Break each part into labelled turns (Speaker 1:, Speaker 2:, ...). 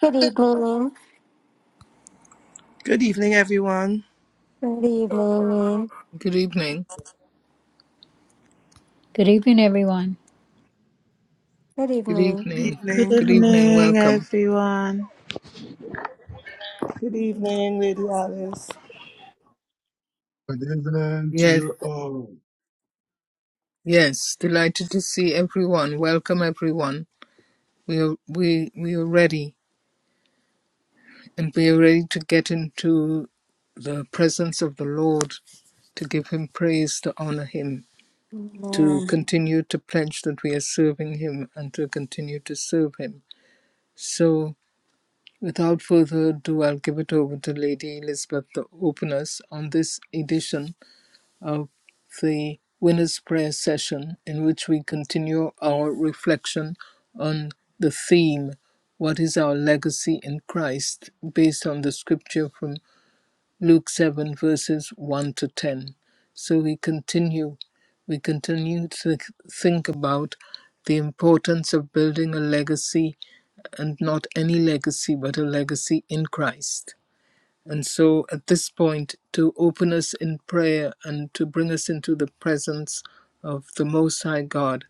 Speaker 1: Good evening.
Speaker 2: Good evening, everyone.
Speaker 1: Good evening.
Speaker 3: Good evening.
Speaker 4: Good evening, everyone.
Speaker 1: Good
Speaker 3: Good
Speaker 1: evening.
Speaker 2: Good
Speaker 3: evening.
Speaker 5: Good
Speaker 2: evening.
Speaker 3: Good evening.
Speaker 5: evening,
Speaker 3: Welcome.
Speaker 5: everyone.
Speaker 2: Good evening, Lady Alice.
Speaker 6: Good evening to
Speaker 3: Yes,
Speaker 6: you all.
Speaker 3: yes. Delighted to see everyone. Welcome everyone. We are we we are ready and we are ready to get into the presence of the Lord to give him praise, to honor him, to
Speaker 1: Amen.
Speaker 3: continue to pledge that we are serving him and to continue to serve him. So without further ado, I'll give it over to Lady Elizabeth to open us on this edition of the Winner's Prayer session, in which we continue our reflection on the theme, What is Our Legacy in Christ, based on the scripture from Luke 7, verses 1 to 10. So we continue, we continue to think about the importance of building a legacy and not any legacy, but a legacy in Christ. And so at this point, to open us in prayer and to bring us into the presence of the Most High God,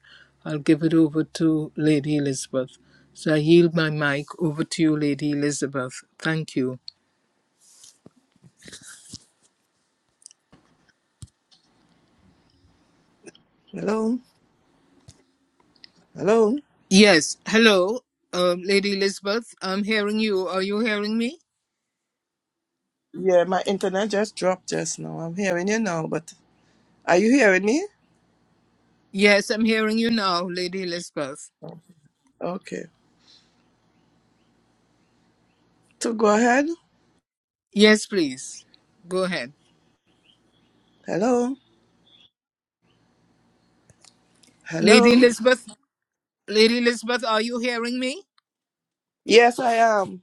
Speaker 3: I'll give it over to Lady Elizabeth. So I yield my mic over to you, Lady Elizabeth. Thank you.
Speaker 2: Hello. Hello.
Speaker 3: Yes, hello, um, Lady Elizabeth. I'm hearing you. Are you hearing me?
Speaker 2: Yeah, my internet just dropped just now. I'm hearing you now, but are you hearing me?
Speaker 3: Yes, I'm hearing you now, Lady Elizabeth.
Speaker 2: Okay. So go ahead.
Speaker 3: Yes, please. Go ahead.
Speaker 2: Hello.
Speaker 3: Lady
Speaker 2: Hello.
Speaker 3: Elizabeth, Lady Elizabeth, are you hearing me?
Speaker 2: Yes, I am.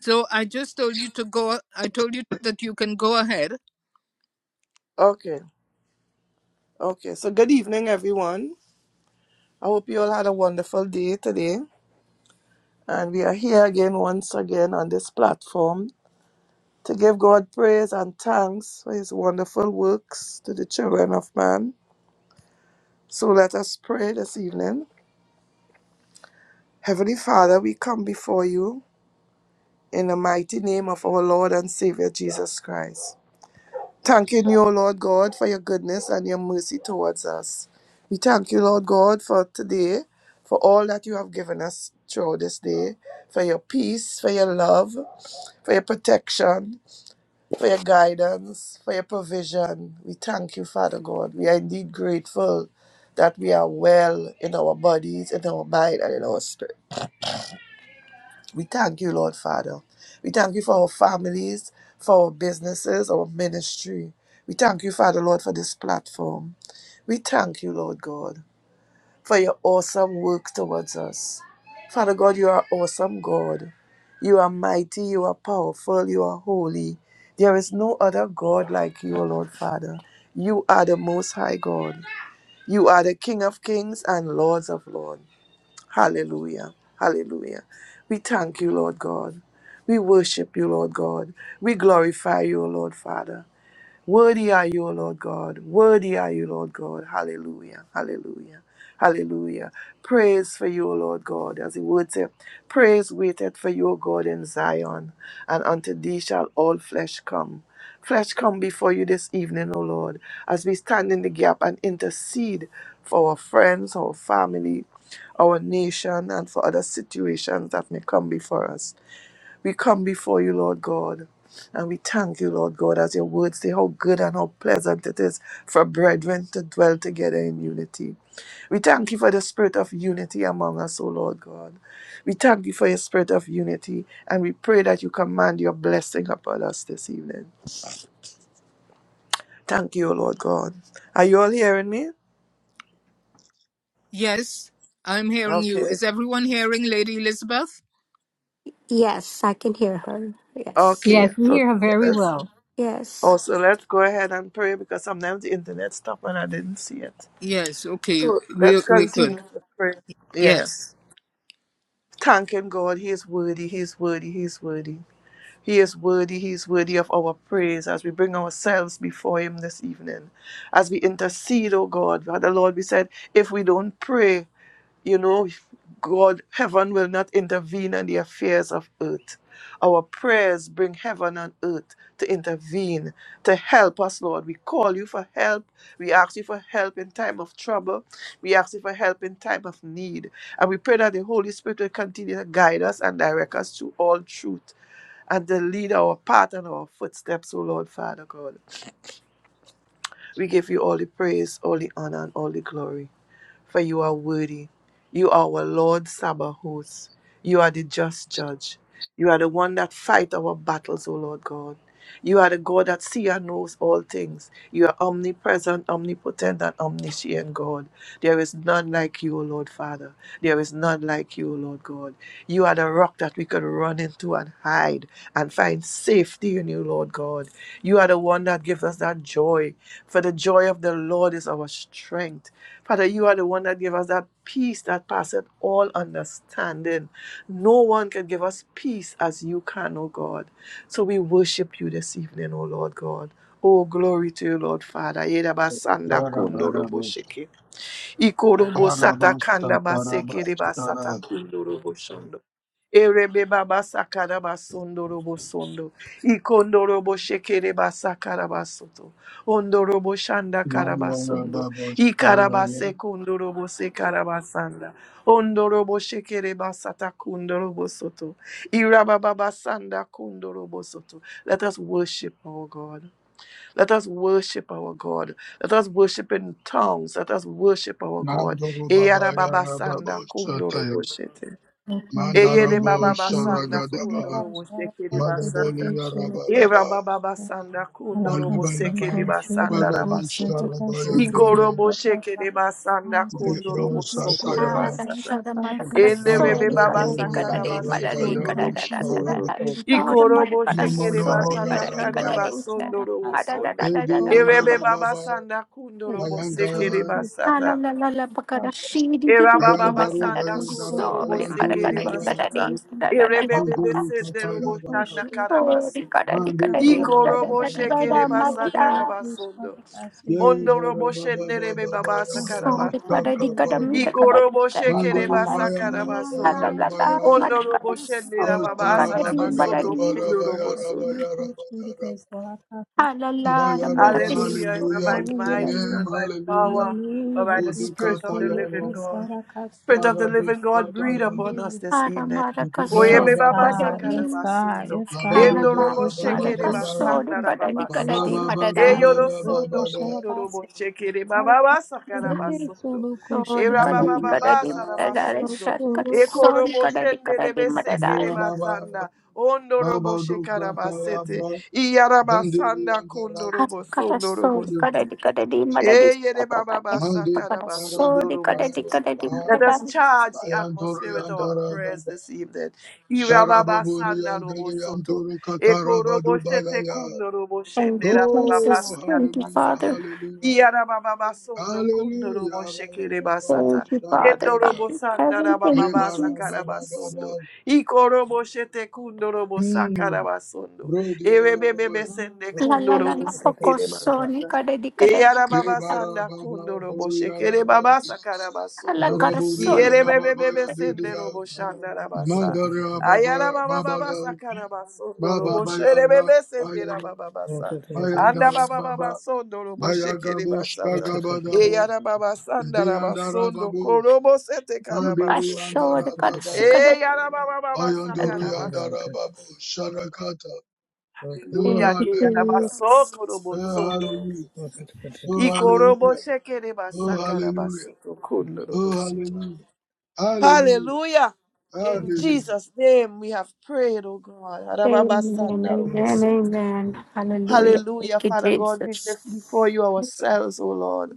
Speaker 3: So I just told you to go. I told you that you can go ahead.
Speaker 2: Okay. Okay. So good evening, everyone. I hope you all had a wonderful day today. And we are here again, once again, on this platform to give God praise and thanks for his wonderful works to the children of man. So let us pray this evening. Heavenly Father, we come before you in the mighty name of our Lord and Savior Jesus Christ. Thanking you, O Lord God, for your goodness and your mercy towards us. We thank you, Lord God, for today, for all that you have given us throughout this day, for your peace, for your love, for your protection, for your guidance, for your provision. We thank you, Father God. We are indeed grateful that we are well in our bodies, in our mind, and in our spirit. We thank you, Lord Father. We thank you for our families, for our businesses, our ministry. We thank you, Father Lord, for this platform. We thank you, Lord God, for your awesome work towards us. Father God, you are awesome God. You are mighty, you are powerful, you are holy. There is no other God like you, O Lord Father. You are the Most High God. You are the King of kings and Lords of lords. Hallelujah. Hallelujah. We thank you, Lord God. We worship you, Lord God. We glorify you, Lord Father. Worthy are you, O Lord God. Worthy are you, Lord God. Hallelujah. Hallelujah. Hallelujah. Praise for you, O Lord God. As the word said, praise waited for you, O God, in Zion, and unto thee shall all flesh come. Flesh come before you this evening, O Lord, as we stand in the gap and intercede for our friends, our family, our nation, and for other situations that may come before us. We come before you, Lord God, and we thank you, Lord God, as your words say how good and how pleasant it is for brethren to dwell together in unity. We thank you for the spirit of unity among us, O Lord God. We thank you for your spirit of unity, and we pray that you command your blessing upon us this evening. Thank you, O Lord God. Are you all hearing me?
Speaker 3: Yes, I'm hearing you.
Speaker 2: Okay.
Speaker 3: Is everyone hearing Lady Elizabeth?
Speaker 1: Yes, I can hear her. Yes.
Speaker 4: Yeah.
Speaker 2: Okay. So let's
Speaker 1: Yes.
Speaker 2: also let's go ahead and pray because sometimes the internet stopped and I didn't see it.
Speaker 3: Yes. Okay.
Speaker 2: So let's
Speaker 3: We're we're good.
Speaker 2: continue to pray. Yeah.
Speaker 3: Yes.
Speaker 2: Thanking God. He is worthy. He is worthy. He is worthy. He is worthy. He is worthy of our praise as we bring ourselves before Him this evening. As we intercede, oh God. Father Lord, we said, if we don't pray, you know, God, heaven will not intervene in the affairs of earth. Our prayers bring heaven and earth to intervene, to help us, Lord. We call you for help. We ask you for help in time of trouble. We ask you for help in time of need. And we pray that the Holy Spirit will continue to guide us and direct us to all truth and to lead our path and our footsteps, O Lord, Father God. We give you all the praise, all the honor, and all the glory for you are worthy. You are our Lord Sabaoth. You are the just judge. You are the one that fight our battles, O Lord God. You are the God that sees and knows all things. You are omnipresent, omnipotent, and omniscient God. There is none like you, O Lord Father. There is none like you, O Lord God. You are the rock that we can run into and hide and find safety in you, Lord God. You are the one that gives us that joy. For the joy of the Lord is our strength. Father, you are the one that give us that peace that passeth all understanding. No one can give us peace as you can, O God. So we worship you this evening, O Lord God. Oh, glory to you, Lord Father. Yedabasanda
Speaker 6: Tarabarabush,
Speaker 2: kondoroboshiki. Ikorobo sata
Speaker 6: tarabush,
Speaker 2: kanda basekere
Speaker 6: tatarabush,
Speaker 2: basata
Speaker 6: tara.
Speaker 2: kundorobo shondo. Erebe baba sakara basondo robo sondo. Ikondo robo shekere basakara basoto. ondo robo shanda karabasondo.
Speaker 6: Nangarababush,
Speaker 2: Ikarabase
Speaker 6: tarabya.
Speaker 2: kondo robo sekara basanda ondo robo shekere basata kundo robo soto. iraba baba sanda kundo robo soto. Let us worship our God. Let us worship our God. Let us worship in tongues. Let us worship our God. Eyara baba sanda
Speaker 6: Nandarubabayarababush,
Speaker 2: kundoro
Speaker 6: sataya.
Speaker 2: boshete.
Speaker 4: Okay, so
Speaker 2: Eyere baba
Speaker 4: local,
Speaker 6: Mandarabush,
Speaker 4: so they can
Speaker 2: basanda
Speaker 4: see the
Speaker 6: sharagadaba.
Speaker 2: kundoro
Speaker 4: house, I
Speaker 2: boshekere
Speaker 4: like to take
Speaker 2: basanda.
Speaker 4: it, so local,
Speaker 2: Eyera
Speaker 6: Mandabuliyarabaraba.
Speaker 4: so
Speaker 2: baba basanda
Speaker 4: I like
Speaker 2: kundoro
Speaker 4: us, you
Speaker 2: boshekere
Speaker 6: Balabalaba.
Speaker 4: local, so
Speaker 2: basanda
Speaker 4: local,
Speaker 6: Balabush,
Speaker 4: so I
Speaker 2: rabasoto.
Speaker 4: like us, you local,
Speaker 6: sharabayandoro.
Speaker 2: Ikoro
Speaker 4: so I like us,
Speaker 2: boshekere
Speaker 4: I
Speaker 2: basanda
Speaker 4: like us,
Speaker 6: Libro,
Speaker 4: so
Speaker 2: kundoro
Speaker 4: local, so they
Speaker 2: bosokura
Speaker 6: sataya.
Speaker 4: can see
Speaker 1: Ah, da
Speaker 4: the
Speaker 2: basata.
Speaker 1: shoda
Speaker 4: house, I
Speaker 1: mada
Speaker 4: like us,
Speaker 1: kada
Speaker 4: so
Speaker 2: Enderebe
Speaker 4: local,
Speaker 1: sori
Speaker 4: so I
Speaker 2: baba
Speaker 1: kada di
Speaker 4: like
Speaker 6: Baragadori,
Speaker 4: us,
Speaker 1: kada
Speaker 2: sakara
Speaker 1: di mada
Speaker 4: I
Speaker 1: di
Speaker 2: basekondo
Speaker 4: like
Speaker 1: kada
Speaker 2: robo
Speaker 6: andaragayabush,
Speaker 1: da
Speaker 4: us, so
Speaker 1: da sa da
Speaker 4: local,
Speaker 2: sondo.
Speaker 1: da
Speaker 6: sharababa.
Speaker 4: so local,
Speaker 1: shoda
Speaker 4: so
Speaker 1: mada
Speaker 2: Ikorobo
Speaker 1: kada
Speaker 4: I like us,
Speaker 2: shekere
Speaker 4: you
Speaker 1: sori
Speaker 2: basata
Speaker 1: kada di
Speaker 2: kanda
Speaker 1: kada
Speaker 6: Mamadoboyarabaya.
Speaker 4: local,
Speaker 1: di
Speaker 4: so local, so I like
Speaker 2: basondo robo
Speaker 1: da da
Speaker 4: us,
Speaker 1: da
Speaker 2: sondo.
Speaker 1: da da
Speaker 6: Edi
Speaker 1: da
Speaker 4: so
Speaker 1: da pa
Speaker 4: local,
Speaker 1: pa
Speaker 2: Erebe
Speaker 1: da
Speaker 6: andara
Speaker 2: baba
Speaker 6: baba
Speaker 2: sanda kundo
Speaker 4: so they can
Speaker 2: robo
Speaker 4: see
Speaker 2: sekere
Speaker 6: bayandara
Speaker 1: Ah,
Speaker 4: the house,
Speaker 1: la
Speaker 2: basata.
Speaker 1: la la la pa
Speaker 4: I like
Speaker 1: kada
Speaker 4: us,
Speaker 1: shi di di di
Speaker 2: Eraba
Speaker 1: di di
Speaker 2: baba
Speaker 4: Thank
Speaker 1: mada
Speaker 6: bayandaru
Speaker 1: kada da
Speaker 2: sanda
Speaker 6: bayandara
Speaker 2: kundo robo
Speaker 1: sori mada
Speaker 6: bayanduru
Speaker 2: sekere
Speaker 1: kada di
Speaker 6: yara
Speaker 1: kada
Speaker 2: basata.
Speaker 1: di da da da
Speaker 2: Erebe
Speaker 1: da da
Speaker 2: bebe
Speaker 6: mandiri
Speaker 1: da
Speaker 2: sende robo
Speaker 6: kataya
Speaker 2: shanda
Speaker 6: bakada
Speaker 1: Sorry,
Speaker 2: karabaso.
Speaker 1: kada di
Speaker 6: mandi
Speaker 1: kada di
Speaker 6: karaba
Speaker 2: Ikorobo
Speaker 1: madada.
Speaker 2: shekere
Speaker 6: yarabaya
Speaker 2: basakara basondo.
Speaker 6: ye
Speaker 2: Ondo robo
Speaker 6: baraba
Speaker 2: shendere
Speaker 6: baraba
Speaker 2: baba
Speaker 6: bayara
Speaker 2: sakara
Speaker 6: mushakapa
Speaker 2: Ikoroboshe
Speaker 6: mandiri
Speaker 2: kerebasa
Speaker 6: bayara
Speaker 2: karabasondo.
Speaker 6: bayaru baya
Speaker 2: Ondoroboshe nerababaasa
Speaker 6: Ostara bada
Speaker 2: nabasoto
Speaker 6: gada bara bayara
Speaker 2: kundorobosondo.
Speaker 6: bayara bayara bayara
Speaker 4: you,
Speaker 6: ba
Speaker 4: Jesus.
Speaker 2: Hallelujah. It's not
Speaker 6: hallelujah
Speaker 2: by
Speaker 6: It's your
Speaker 2: might, it's
Speaker 4: Hallelujah.
Speaker 6: name
Speaker 2: not by
Speaker 6: hallelujah
Speaker 2: power, but
Speaker 4: Hallelujah.
Speaker 2: by the
Speaker 4: Thank
Speaker 2: Spirit of the
Speaker 6: Udukataya
Speaker 4: you,
Speaker 2: living God. Spirit
Speaker 4: Jesus.
Speaker 2: of the living God, breathe
Speaker 6: Marabushkatara
Speaker 2: upon us
Speaker 4: Hallelujah.
Speaker 2: this evening.
Speaker 6: Oh,
Speaker 2: Oye be
Speaker 4: Yes,
Speaker 2: baba
Speaker 4: God.
Speaker 2: sakara
Speaker 4: Yes, God.
Speaker 2: basundo.
Speaker 4: Yes, God.
Speaker 2: Endo
Speaker 4: Yes,
Speaker 2: robo
Speaker 4: yes, solo
Speaker 2: shekere
Speaker 4: kushara
Speaker 2: basanda
Speaker 4: ka, solo
Speaker 2: rababasa.
Speaker 4: kushara ka,
Speaker 2: Eyo do
Speaker 4: solo
Speaker 2: sundo
Speaker 4: kushara
Speaker 2: kundo
Speaker 4: ka,
Speaker 2: robo
Speaker 4: se.
Speaker 2: shekere
Speaker 4: Hara ka,
Speaker 2: baba
Speaker 4: se
Speaker 2: sakara
Speaker 4: deke,
Speaker 2: basundo.
Speaker 4: solo kushara
Speaker 2: Era
Speaker 4: ka,
Speaker 2: baba
Speaker 4: se.
Speaker 2: baba sara
Speaker 4: Hara ka,
Speaker 2: basundo.
Speaker 4: solo
Speaker 2: Eko
Speaker 4: ku-
Speaker 2: robo shende rebe sekere basanda. Ondo robo shekara Iyarabasanda kondorobo sondorobo.
Speaker 1: Karaso, the
Speaker 2: se.
Speaker 1: Kadadi Kadadi, Madadi, so the Kadadi Kadadi,
Speaker 2: Let us
Speaker 1: Madadi.
Speaker 2: charge the atmosphere with our prayers this evening. Irababasandarubusoto.
Speaker 1: Thank you, Jesus.
Speaker 6: hallelujah,
Speaker 1: Thank you,
Speaker 2: Ekoroboshetekundurubushenderabababasakarabasu.
Speaker 1: Father.
Speaker 6: hallelujah. Hallelujah.
Speaker 1: Thank
Speaker 2: Iyarabababasundukundurubushekiribasata.
Speaker 1: you, Father, God
Speaker 6: Rabarababushtaragada.
Speaker 1: in heaven. Thank you, Jesus.
Speaker 6: Ebarabababa.
Speaker 2: Endorobosandarabababasakarabasunu.
Speaker 6: Hmm.
Speaker 2: Ikoroboshetekundurubusakarabasundu.
Speaker 6: Brodiarababa.
Speaker 1: La la la la. Focusoni
Speaker 2: Erebebebesendekundurubusakiribasata.
Speaker 1: kadedi kadedi.
Speaker 2: Eyara baba sanda
Speaker 6: Ebarababa.
Speaker 2: kondo robo shekere
Speaker 6: Boriaraba.
Speaker 2: baba sakara
Speaker 1: La
Speaker 2: basundo.
Speaker 1: carson.
Speaker 2: Yere bebe
Speaker 6: Baraburiarababa.
Speaker 2: bebe sende
Speaker 6: Yadidia.
Speaker 2: robo shanda rabasa. Ayara
Speaker 6: Mandariababa.
Speaker 2: baba baba
Speaker 6: Babada.
Speaker 2: sakara basundo robo shere
Speaker 6: Bababayara.
Speaker 2: bebe sende
Speaker 6: Bayana.
Speaker 2: raba baba sa. Anda baba
Speaker 6: Bayandarababa.
Speaker 2: baba sondo robo shekere basata.
Speaker 6: Bayagabushtagabadabu.
Speaker 2: Eyara baba sanda raba sondo
Speaker 6: Diandarababu.
Speaker 2: korobo sete kara
Speaker 6: Mandiri
Speaker 2: basundo.
Speaker 1: Ashore karsi
Speaker 6: andarababara.
Speaker 1: kadedi.
Speaker 2: Eyara baba baba
Speaker 6: Bayanduru
Speaker 2: sakara basundo.
Speaker 6: andarababu. Sharakata. Oh,
Speaker 1: Thank
Speaker 2: Hallelujah!
Speaker 1: you,
Speaker 2: que ya la
Speaker 6: hallelujah.
Speaker 2: basó,
Speaker 1: Jesus.
Speaker 2: corobo,
Speaker 6: Oh,
Speaker 2: sonoro,
Speaker 6: hallelujah.
Speaker 2: bosere.
Speaker 6: Oh,
Speaker 2: Y corobo,
Speaker 6: hallelujah.
Speaker 2: shekere,
Speaker 6: Oh,
Speaker 2: basakara,
Speaker 6: hallelujah.
Speaker 2: basoto, kondoro,
Speaker 6: Oh,
Speaker 2: bosoto.
Speaker 6: hallelujah. Hallelujah.
Speaker 2: Hallelujah. In
Speaker 6: Hallelujah.
Speaker 2: Jesus' name we have prayed, oh God.
Speaker 1: Amen,
Speaker 2: Arababasana,
Speaker 1: amen,
Speaker 2: robosoto.
Speaker 1: amen. Hallelujah.
Speaker 2: Hallelujah,
Speaker 1: Thank you,
Speaker 2: Father God, we lift before
Speaker 1: Jesus.
Speaker 2: you ourselves, oh Lord.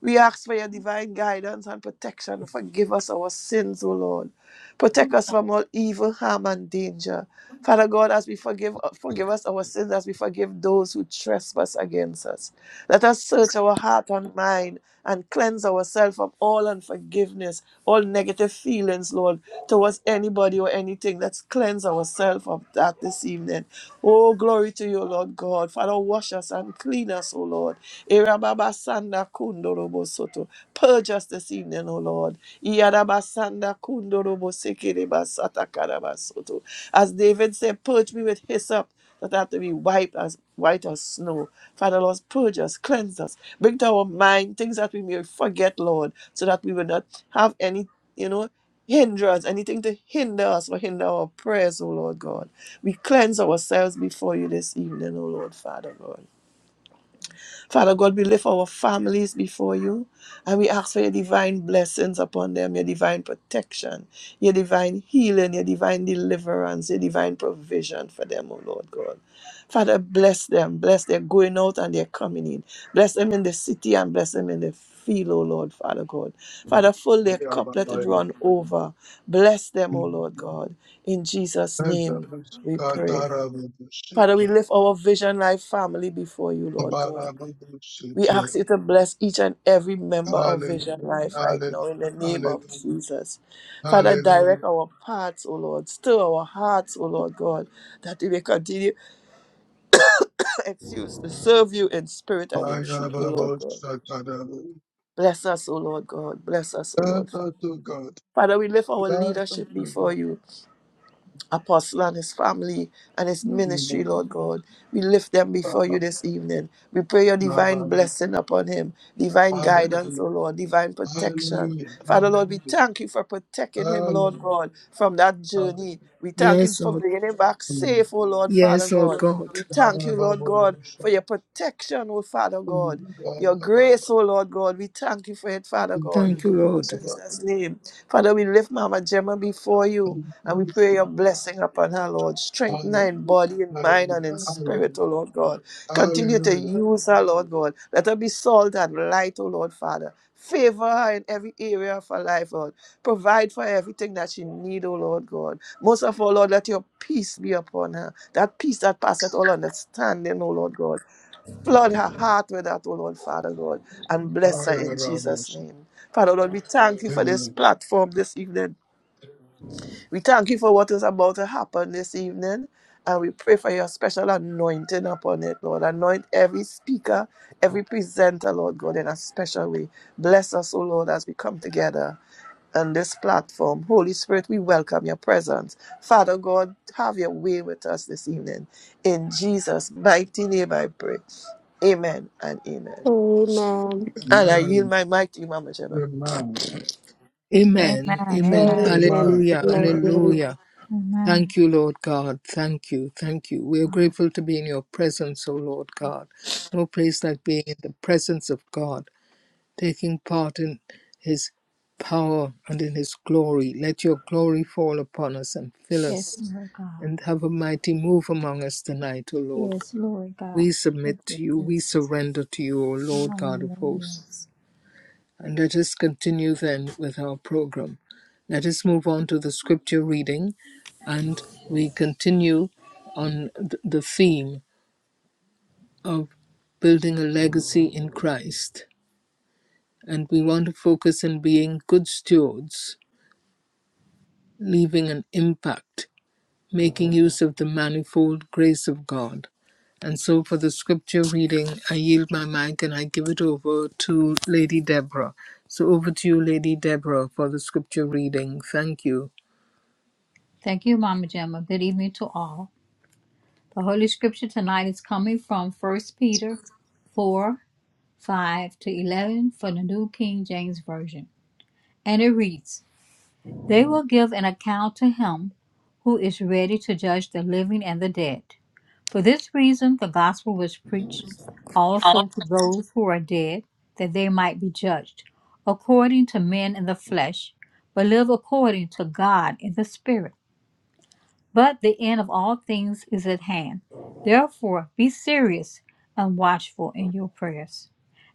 Speaker 2: We ask for your divine guidance and protection. Forgive us our sins, O Lord. Protect us from all evil, harm, and danger. Father God, as we forgive, forgive us our sins, as we forgive those who trespass against us. Let us search our heart and mind and cleanse ourselves from all unforgiveness, all negative feelings, Lord, towards anybody or anything. Let's cleanse ourselves of that this evening. Oh, glory to you, Lord God. Father, wash us and clean us, O Lord. Erababasanda kundorobo soto. Purge us this evening, O Lord. Yarabasanda kundorobo sekerebasata karabasoto. As David said, purge me with hyssop that I have to be wiped as white as snow. Father, Lord, purge us, cleanse us, bring to our mind things that we may forget, Lord, so that we will not have any, you know, hindrance, anything to hinder us or hinder our prayers, O Lord God. We cleanse ourselves before you this evening, O Lord, Father, Lord. Father God, we lift our families before you and we ask for your divine blessings upon them, your divine protection, your divine healing, your divine deliverance, your divine provision for them, O Lord God. Father, bless them, bless their going out and their coming in. Bless them in the city and bless them in the field, O Lord, Father God. Father, fill their cup, let it
Speaker 6: Ayababaya.
Speaker 2: run over. Bless them, O
Speaker 6: Mhm.
Speaker 2: Lord God. In Jesus' name we pray. Father, we
Speaker 6: Ayababashikatarababushika.
Speaker 2: lift our vision life family before you, Lord God. We
Speaker 6: Abarababushiki.
Speaker 2: ask you to bless each and every member of Vision
Speaker 6: Hallelujah.
Speaker 2: Life right now
Speaker 6: Hallelujah.
Speaker 2: in the name of
Speaker 6: Hallelujah.
Speaker 2: Jesus. Father, direct
Speaker 6: Hallelujah.
Speaker 2: our paths, O Lord. Stir our hearts, O Lord God, that we may continue, excuse, to serve you in spirit and in truth, O Lord God.
Speaker 6: Ayababashakarabu.
Speaker 2: Bless us, O Lord God. Bless us, O
Speaker 6: That's
Speaker 2: Lord.
Speaker 6: to God.
Speaker 2: Father, we lift our
Speaker 6: That's
Speaker 2: leadership
Speaker 6: to
Speaker 2: before
Speaker 6: God.
Speaker 2: you. apostle and his family and his
Speaker 6: Mhm.
Speaker 2: ministry, Lord God. We lift them before
Speaker 6: Baba.
Speaker 2: you this evening. We pray your divine
Speaker 6: Baba.
Speaker 2: blessing upon him, divine
Speaker 6: Hallelujah.
Speaker 2: guidance, oh Lord, divine protection.
Speaker 6: Hallelujah.
Speaker 2: Father, Lord, we
Speaker 6: Hallelujah.
Speaker 2: thank you for protecting him, Lord
Speaker 6: Hallelujah.
Speaker 2: God, from that journey.
Speaker 6: Hallelujah.
Speaker 2: We thank you
Speaker 3: Yes,
Speaker 2: for
Speaker 3: Lord.
Speaker 2: bringing him back
Speaker 6: Mm.
Speaker 2: safe, oh Lord, Father
Speaker 3: Yes, Lord
Speaker 2: God.
Speaker 3: God.
Speaker 2: We thank you, Lord God, for
Speaker 6: Ba-ra-ba-ba-ba-shum.
Speaker 2: your protection, oh Father God.
Speaker 6: Mm.
Speaker 2: Your
Speaker 6: Ba-ra-ba-ba.
Speaker 2: grace, oh Lord God, we thank you for it, Father
Speaker 6: Mm.
Speaker 2: God.
Speaker 3: Thank you, Lord.
Speaker 6: Ba-ra-ba-ba.
Speaker 2: Jesus' name. Father, we lift Mama Gemma before you
Speaker 6: Mm.
Speaker 2: and we pray your
Speaker 6: Mm.
Speaker 2: blessing upon her, Lord. Strengthen her in
Speaker 6: Hallelujah.
Speaker 2: body and mind and in spirit,
Speaker 6: Hallelujah.
Speaker 2: O Lord God. Continue to
Speaker 6: Hallelujah. Hallelujah.
Speaker 2: use her, Lord God. Let her be salt and light, O Lord Father. Favor her in every area of her life, Lord. Provide for everything that she need, O Lord God. Most of all, Lord, let your peace be upon her. That peace that passeth all understanding, O Lord God. Flood her heart with that, oh Lord, Father God, and bless her in Jesus'
Speaker 6: Ba-ra-ra-ba-shum.
Speaker 2: name. Father Lord, we thank you for this
Speaker 6: Amen.
Speaker 2: platform this evening. We thank you for what is about to happen this evening, and we pray for your special anointing upon it, Lord. Anoint every speaker, every presenter, Lord God, in a special way. Bless us, O Lord, as we come together on this platform. Holy Spirit, we welcome your presence. Father God, have your way with us this evening. In Jesus' mighty name I pray. Amen and amen. And I yield
Speaker 6: Amen.
Speaker 2: my mic to you, Mama Gemma.
Speaker 6: Amen.
Speaker 3: Amen.
Speaker 4: Amen.
Speaker 3: Amen.
Speaker 4: Amen.
Speaker 6: Amen.
Speaker 3: Alleluia.
Speaker 6: Amen.
Speaker 3: Alleluia.
Speaker 4: Amen.
Speaker 3: Thank you, Lord God. Thank you. Thank you. We are grateful to be in your presence, O Lord God. No place like being in the presence of God, taking part in his power and in his glory. Let your glory fall upon us and fill
Speaker 4: Yes,
Speaker 3: us
Speaker 4: Lord God.
Speaker 3: and have a mighty move among us tonight, O Lord God.
Speaker 4: Yes, Lord God.
Speaker 3: We
Speaker 4: Yes,
Speaker 3: submit
Speaker 4: yes,
Speaker 3: to you. We
Speaker 4: yes.
Speaker 3: surrender to you, O Lord God of
Speaker 4: Hallelujah.
Speaker 3: hosts. And let us continue then with our program. Let us move on to the scripture reading, and we continue on the theme of building a legacy in Christ. And we want to focus on being good stewards, leaving an impact making use of the manifold grace of God. And so for the scripture reading, I yield my mic and I give it over to Lady Deborah. So over to you, Lady Deborah, for the scripture reading. Thank you.
Speaker 4: Thank you, Mama Gemma. Good evening to all. The Holy Scripture tonight is coming from First Peter 4 5 to 11 for the New King James Version. And it reads, They will give an account to him who is ready to judge the living and the dead. For this reason, the gospel was preached also to those who are dead, that they might be judged according to men in the flesh, but live according to God in the spirit but the end of all things is at hand. Therefore, be serious and watchful in your prayers.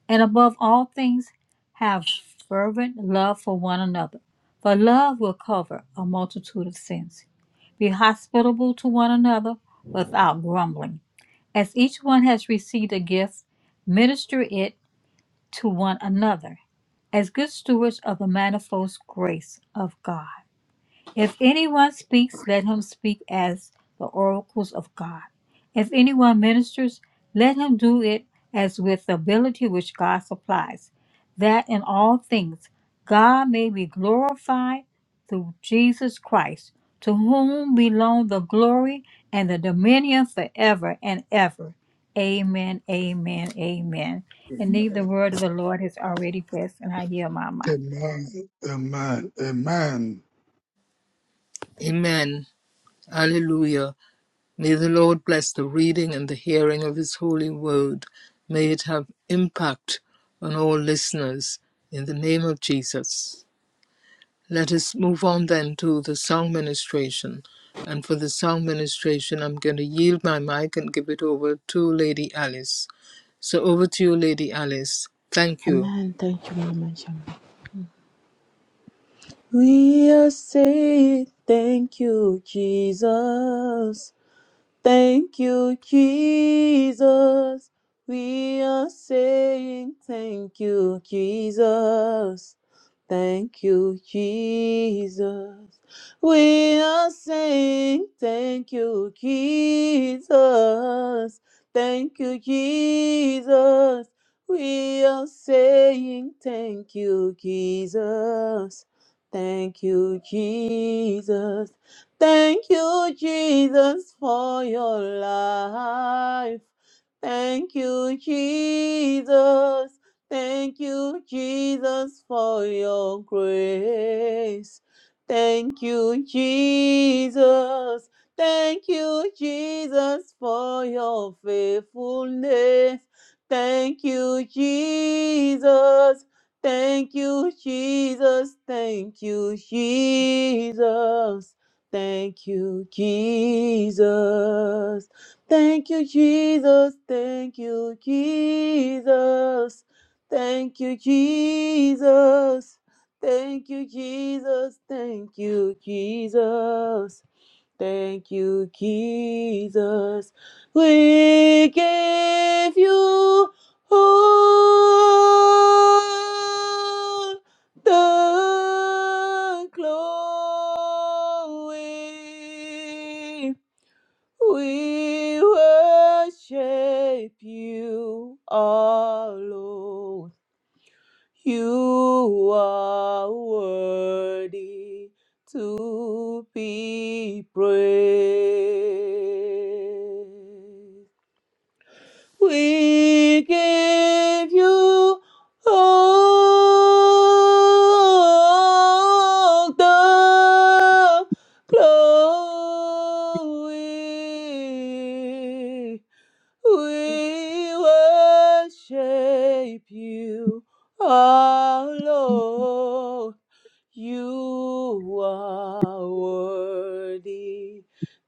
Speaker 4: And above all things, have fervent love for one another, for love will cover a multitude of sins. Be hospitable to one another without grumbling. As each one has received a gift, minister it to one another as good stewards of the manifold grace of God. If anyone speaks, let him speak as the oracles of God. If anyone ministers, let him do it as with the ability which God supplies, that in all things God may be glorified through Jesus Christ, to whom belong the glory and the dominion forever and ever. Amen, amen, amen. And indeed, the word of the Lord has already blessed, and I yield my mic.
Speaker 6: Amen. Amen. Amen.
Speaker 3: Amen. Alleluia. May the Lord bless the reading and the hearing of his holy word. May it have impact on all listeners. In the name of Jesus. Let us move on then to the song ministration. And for the song ministration, I'm going to yield my mic and give it over to Lady Alice. So over to you, Lady Alice. Thank you.
Speaker 5: Amen. Thank you, Mama Jama. We are saying thank you, Jesus. Thank you, Jesus. We are saying thank you, Jesus. Thank you, Jesus. We are saying thank you, Jesus. Thank you, Jesus. We are saying thank you, Jesus. Thank you, Jesus. Thank you, Jesus, for your life. Thank you, Jesus. Thank you, Jesus, for your grace. Thank you, Jesus. Thank you, Jesus, for your faithfulness. Thank you, Jesus. Thank you, Jesus. Thank you, Jesus. Thank you, Jesus. Thank you, Jesus. Thank you, Jesus. Thank you, Jesus. Thank you, Jesus. Thank you, Jesus. Thank you, Jesus. We give you all the glory. We worship you, our Lord. You are worthy to be praised. We give you all the glory. We worship you, our Lord. You are worthy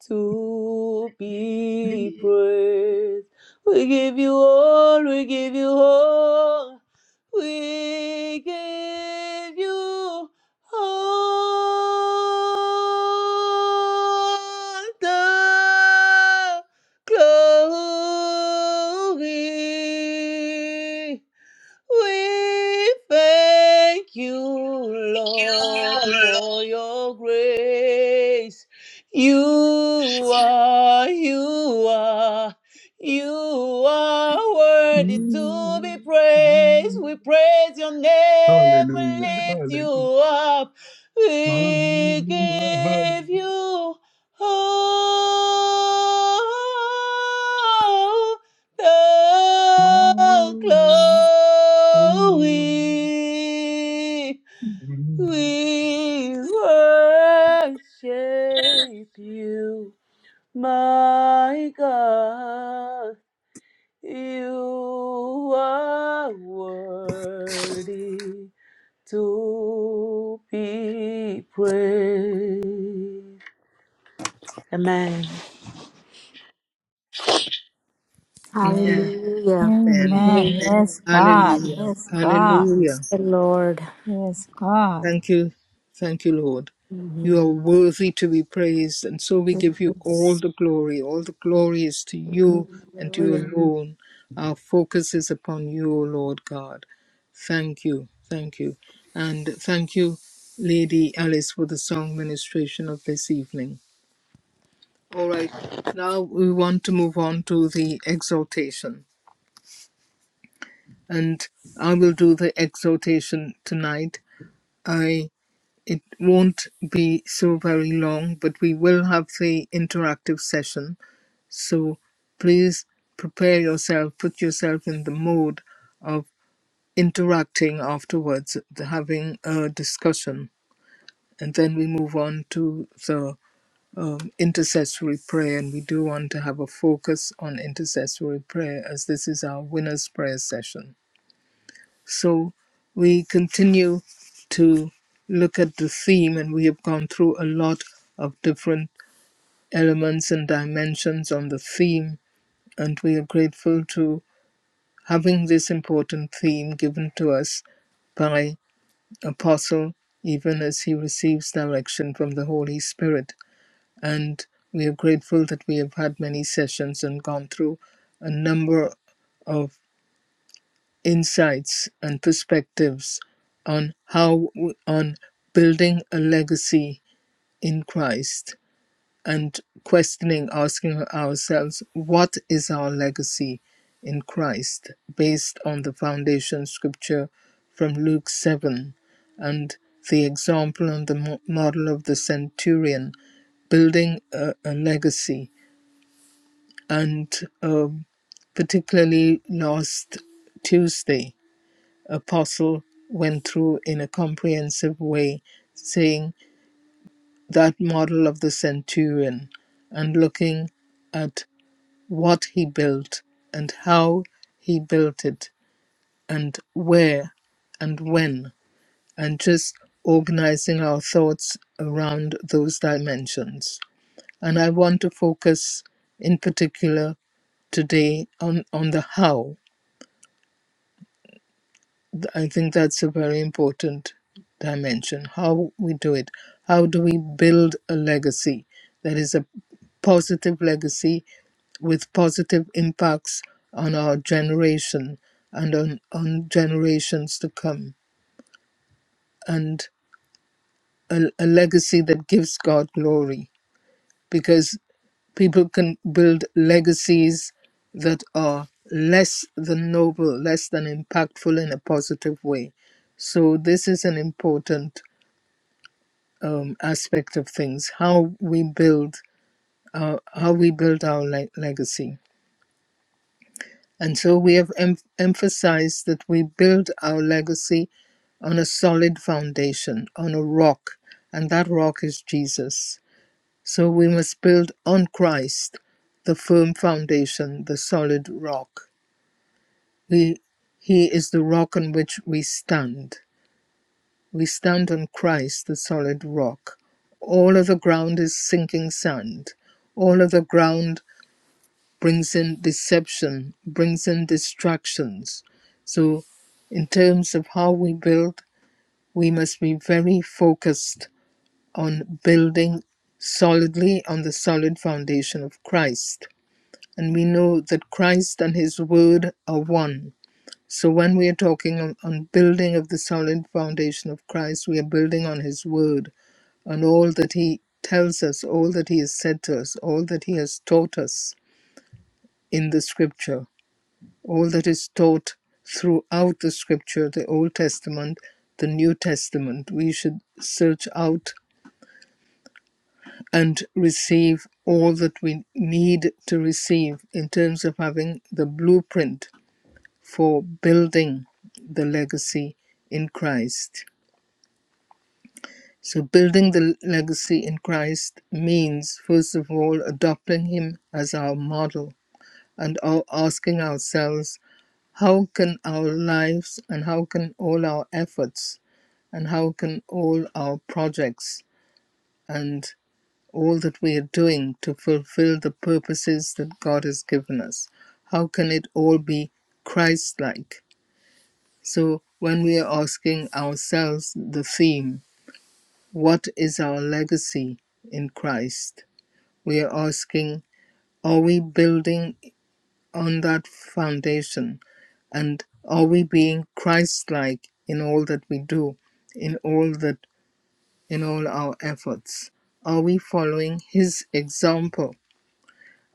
Speaker 5: to be praised. We give you all, we give you all, we give you all the glory. We thank you, Lord, for your grace. You are, you are, you are worthy to be
Speaker 6: Amen.
Speaker 5: praised. We praise your name,
Speaker 6: Hallelujah.
Speaker 5: we lift you
Speaker 6: Hallelujah.
Speaker 5: up. We
Speaker 6: Hallelujah.
Speaker 5: give you all
Speaker 6: Ah.
Speaker 5: Oh, glory, we worship you, my God. You are worthy to be praised. Amen.
Speaker 3: Amen.
Speaker 1: Hallelujah.
Speaker 3: Amen.
Speaker 4: Amen.
Speaker 1: Praise
Speaker 3: Amen.
Speaker 4: Yes, God.
Speaker 3: Hallelujah.
Speaker 4: Yes, God.
Speaker 3: Hallelujah.
Speaker 1: the Lord.
Speaker 4: Yes, God.
Speaker 3: Thank you. Thank you, Lord.
Speaker 1: Hallelujah.
Speaker 3: You are worthy to be praised, and so we give you all the glory. All the glory is to you and to you alone. Our focus is upon you, O Lord God. Thank you. Thank you. And thank you, Lady Alice, for the song ministration of this evening. All right. Now we want to move on to the exhortation. And I will do the exhortation tonight. It won't be so very long, but we will have the interactive session. So please prepare yourself, put yourself in the mode of interacting afterwards, the- having a discussion. And then we move on to the um, intercessory prayer. And we do want to have a focus on intercessory prayer as this is our winner's prayer session. So we continue to look at the theme, and we have gone through a lot of different elements and dimensions on the theme. And we are grateful to having this important theme given to us by Apostle, even as he receives direction from the Holy Spirit. And we are grateful that we have had many sessions and gone through a number of. insights and perspectives on how on building a legacy in Christ and questioning asking ourselves what is our legacy in Christ based on the foundation scripture from Luke 7 and the example and the model of the centurion building a, a legacy and um, particularly last Tuesday apostle went through in a comprehensive way, saying that model of the centurion and looking at what he built and how he built it and where and when, and just organizing our thoughts around those dimensions. And I want to focus in particular today on, on the how I think that's a very important dimension. How we do it. How do we build a legacy that is a positive legacy with positive impacts on our generation and on, on generations to come, and a, a legacy that gives God glory because people can build legacies that are less than noble, less than impactful in a positive way. So, this is an important um, aspect of things how we build our, how we build our le- legacy. And so, we have em- emphasized that we build our legacy on a solid foundation, on a rock, and that rock is Jesus. So we must build on Christ, the firm foundation, the solid rock. We, he is the rock on which we stand. We stand on Christ, the solid rock. All of the ground is sinking sand. All of the ground brings in deception, brings in distractions. So, in terms of how we build, we must be very focused on building solidly on the solid foundation of Christ and we know that Christ and his word are one. So when we are talking on, on building of the solid foundation of Christ, we are building on his word, on all that he tells us, all that he has said to us, all that he has taught us in the scripture, all that is taught throughout the scripture, the Old Testament, the New Testament. We should search out and receive all that we need to receive in terms of having the blueprint for building the legacy in Christ. So, building the legacy in Christ means, first of all, adopting Him as our model and asking ourselves, how can our lives and how can all our efforts and how can all our projects and all that we are doing to fulfill the purposes that God has given us, how can it all be Christ like? So when we are asking ourselves the theme, what is our legacy in Christ? We are asking, are we building on that foundation? And are we being Christ like in all that we do, in all that in all our efforts? Are we following his example?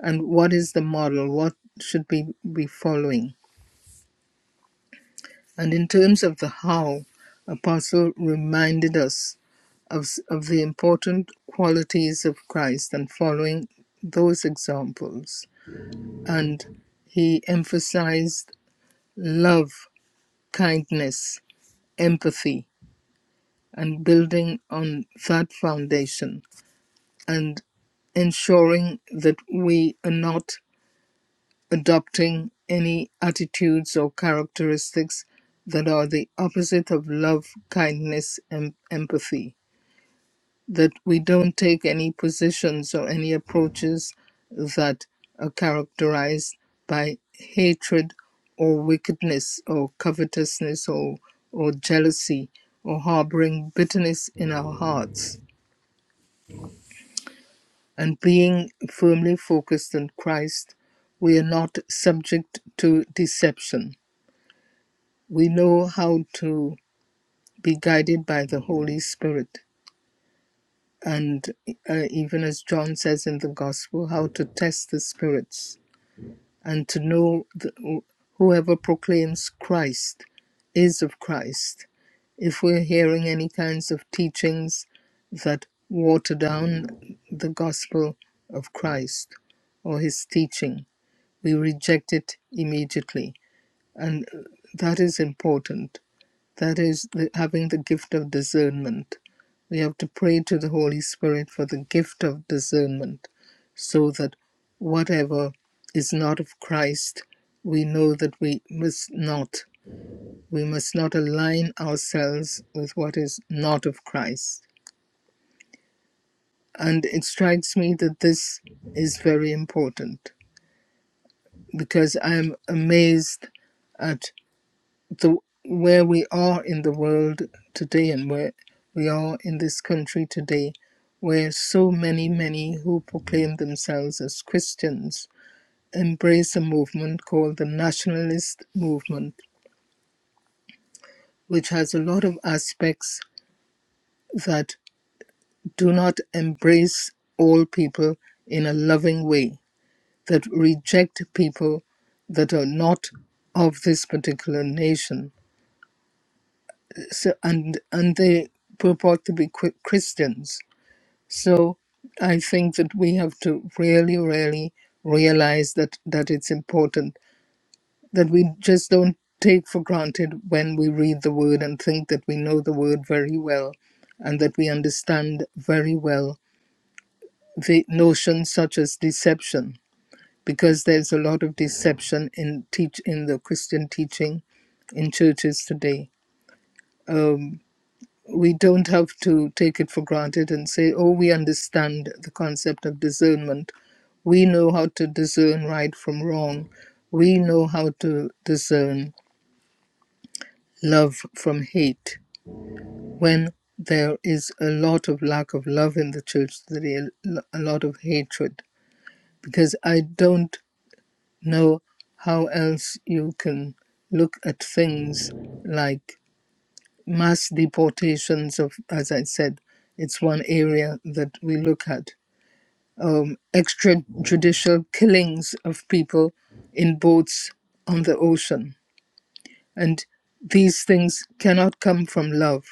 Speaker 3: And what is the model? What should we be following? And in terms of the how, Apostle reminded us of, of the important qualities of Christ and following those examples. And he emphasized love, kindness, empathy, and building on that foundation and ensuring that we are not adopting any attitudes or characteristics that are the opposite of love, kindness, and empathy that we don't take any positions or any approaches that are characterized by hatred or wickedness or covetousness or, or jealousy or harboring bitterness in our hearts. And being firmly focused on Christ, we are not subject to deception. We know how to be guided by the Holy Spirit and uh, even as John says in the gospel, how to test the spirits and to know the, whoever proclaims Christ is of Christ. If we're hearing any kinds of teachings that water down the gospel of Christ or his teaching, we reject it immediately. And uh, that is important that is, the, having the gift of discernment. We have to pray to the Holy Spirit for the gift of discernment so that whatever is not of Christ, we know that we must not. We must not align ourselves with what is not of Christ. And it strikes me that this is very important because I am amazed at. the where we are in the world today and where we are in this country today where so many many who proclaim themselves as christians embrace a movement called the nationalist movement which has a lot of aspects that do not embrace all people in a loving way that reject people that are not of this particular nation so, and and they purport to be christians So I think that we have to really, really realize that, that it's important that we just don't take for granted when we read the word and think that we know the word very well and that we understand very well the notions such as deception because there's a lot of deception in teach in the Christian teaching in churches today. Um, we don't have to take it for granted and say, oh, we understand the concept of discernment. We know how to discern right from wrong. We know how to discern love from hate. When there is a lot of lack of love in the church today, a lot of hatred, because I don't know how else you can look at things like mass deportations of as i said it's one area that we look at um, extrajudicial killings of people in boats on the ocean and these things cannot come from love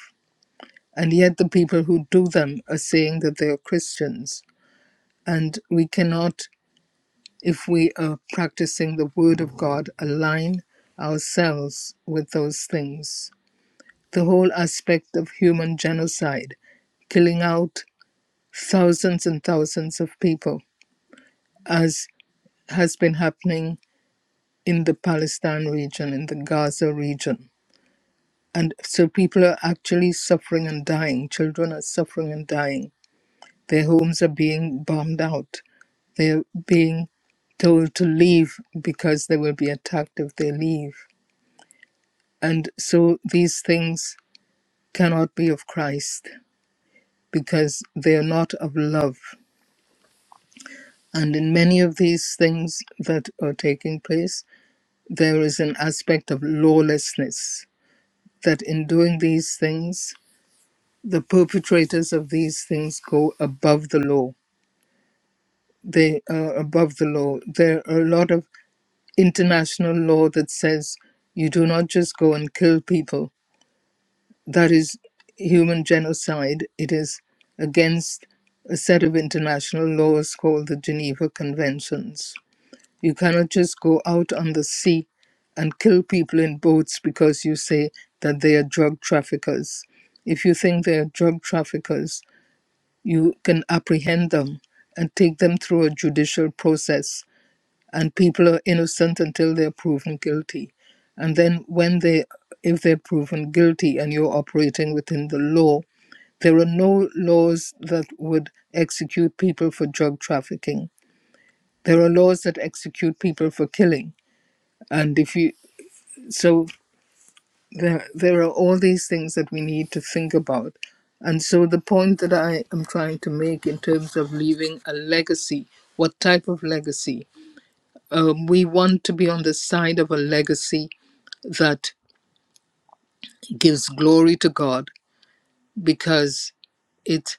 Speaker 3: and yet the people who do them are saying that they are christians and we cannot if we are practicing the word of god align ourselves with those things the whole aspect of human genocide, killing out thousands and thousands of people, as has been happening in the Palestine region, in the Gaza region. And so people are actually suffering and dying. Children are suffering and dying. Their homes are being bombed out. They're being told to leave because they will be attacked if they leave. And so these things cannot be of Christ because they are not of love. And in many of these things that are taking place, there is an aspect of lawlessness that in doing these things, the perpetrators of these things go above the law. They are above the law. There are a lot of international law that says you do not just go and kill people. That is human genocide. It is against a set of international laws called the Geneva Conventions You cannot just go out on the sea and kill people in boats because you say that they are drug traffickers. If you think they are drug traffickers, you can apprehend them and take them through a judicial process. And people are innocent until they are proven guilty. And then, when they, if they're proven guilty and you're operating within the law, there are no laws that would execute people for drug trafficking. There are laws that execute people for killing and if you so there there are all these things that we need to think about and so the point that i am trying to make in terms of leaving a legacy what type of legacy um, we want to be on the side of a legacy that gives glory to god because it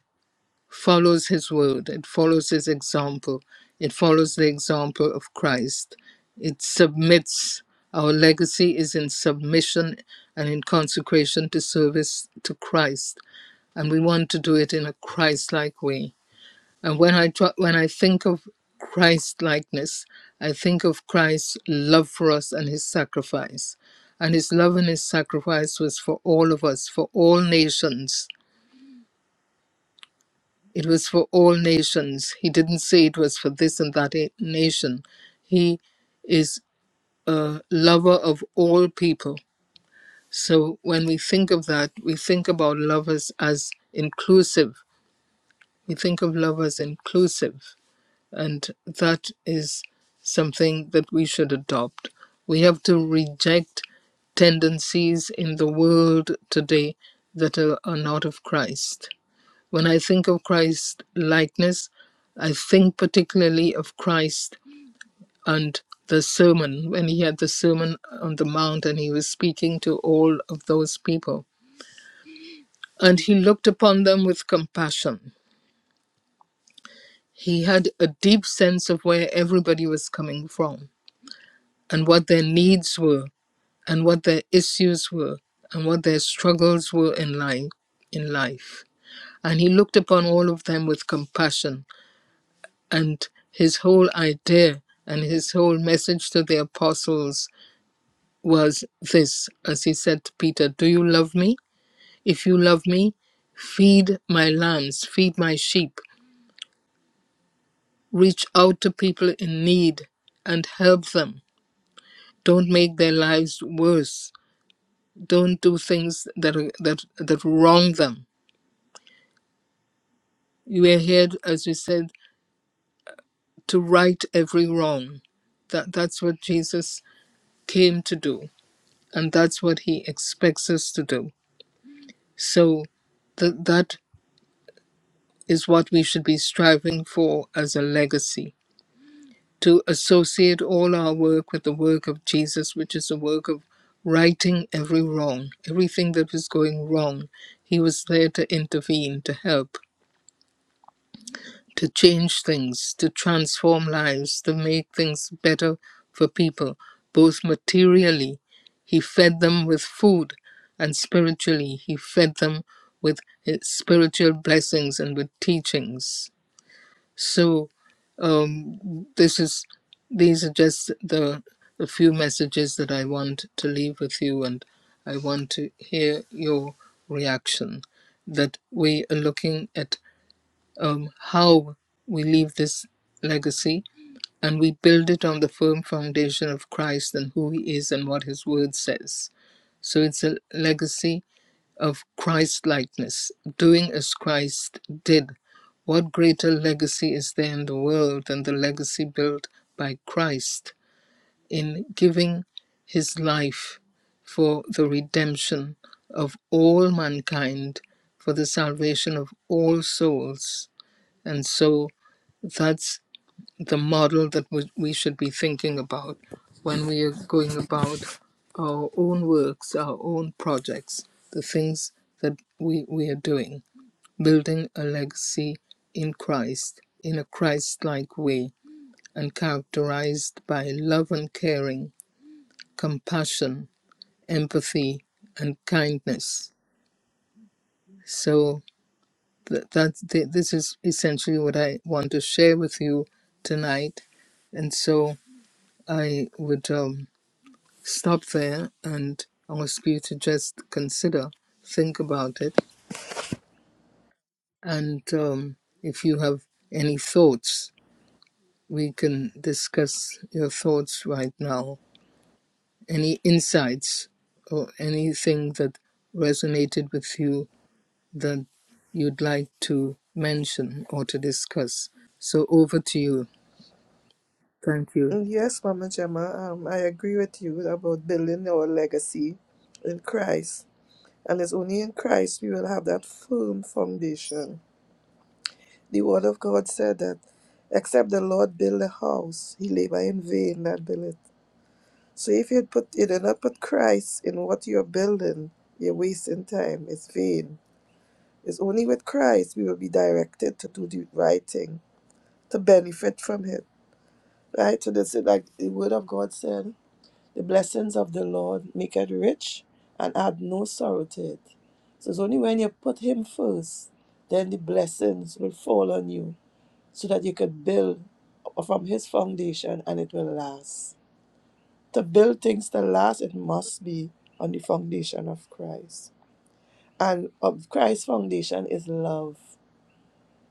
Speaker 3: follows his word, it follows his example, it follows the example of Christ. It submits. Our legacy is in submission and in consecration to service to Christ, and we want to do it in a Christ-like way. And when I tr- when I think of Christ-likeness, I think of Christ's love for us and his sacrifice. And his love and his sacrifice was for all of us, for all nations It was for all nations. He didn't say it was for this and that a- nation. He is a lover of all people. So when we think of that, we think about lovers as inclusive. We think of love as inclusive. And that is something that we should adopt. We have to reject tendencies in the world today that are, are not of Christ when I think of Christ likeness, I think particularly of Christ and the sermon, when he had the sermon on the mount and he was speaking to all of those people. And he looked upon them with compassion. He had a deep sense of where everybody was coming from and what their needs were and what their issues were and what their struggles were in life in life. And he looked upon all of them with compassion and his whole idea and his whole message to the apostles was this as he said to peter do you love me if you love me feed my lambs feed my sheep reach out to people in need and help them don't make their lives worse don't do things that are, that that wrong them you are here as you said to right every wrong that that's what jesus came to do and that's what he expects us to do. So th- that is what we should be striving for as a legacy to associate all our work with the work of Jesus, which is the work of righting every wrong, everything that was going wrong. He was there to intervene, to help to change things, to transform lives, to make things better for people, both materially. He fed them with food, and spiritually, He fed them with his spiritual blessings and with teachings. So, um, this is these are just the, the few messages that I want to leave with you, and I want to hear your reaction. That we are looking at um, how we leave this legacy and we build it on the firm foundation of Christ and who he is and what his word says. So it's a legacy of Christ likeness, doing as Christ did. What greater legacy is there in the world than the legacy built by Christ in giving his life for the redemption of all mankind, for the salvation of all souls? And so that's the model that we we should be thinking about when we are going about our own works, our own projects, the things that we, we are doing, building a legacy in Christ, in a Christ like way, and characterized by love and caring, compassion, empathy, and kindness. So. Th- that's th- this is essentially what I want to share with you tonight, and so I would um, stop there and ask you to just consider, think about it, and um, if you have any thoughts, we can discuss your thoughts right now. Any insights or anything that resonated with you that you'd like to mention or to discuss. So over to you. Thank you.
Speaker 2: Yes, Mama Gemma, um, I agree with you about building our legacy in Christ. And it's only in Christ we will have that firm foundation. The Word of God said that except the Lord build a house, he labor in vain that build it. So if you put you did not put Christ in what you're building, you're wasting time. It's vain. It's only with Christ we will be directed to do the right thing, to benefit from it. Right? So that's it like the word of God said. The blessings of the Lord make it rich and add no sorrow to it. So it's only when you put Him first, then the blessings will fall on you so that you could build from His foundation and it will last. To build things to last, it must be on the foundation of Christ. And of Christ's foundation is love.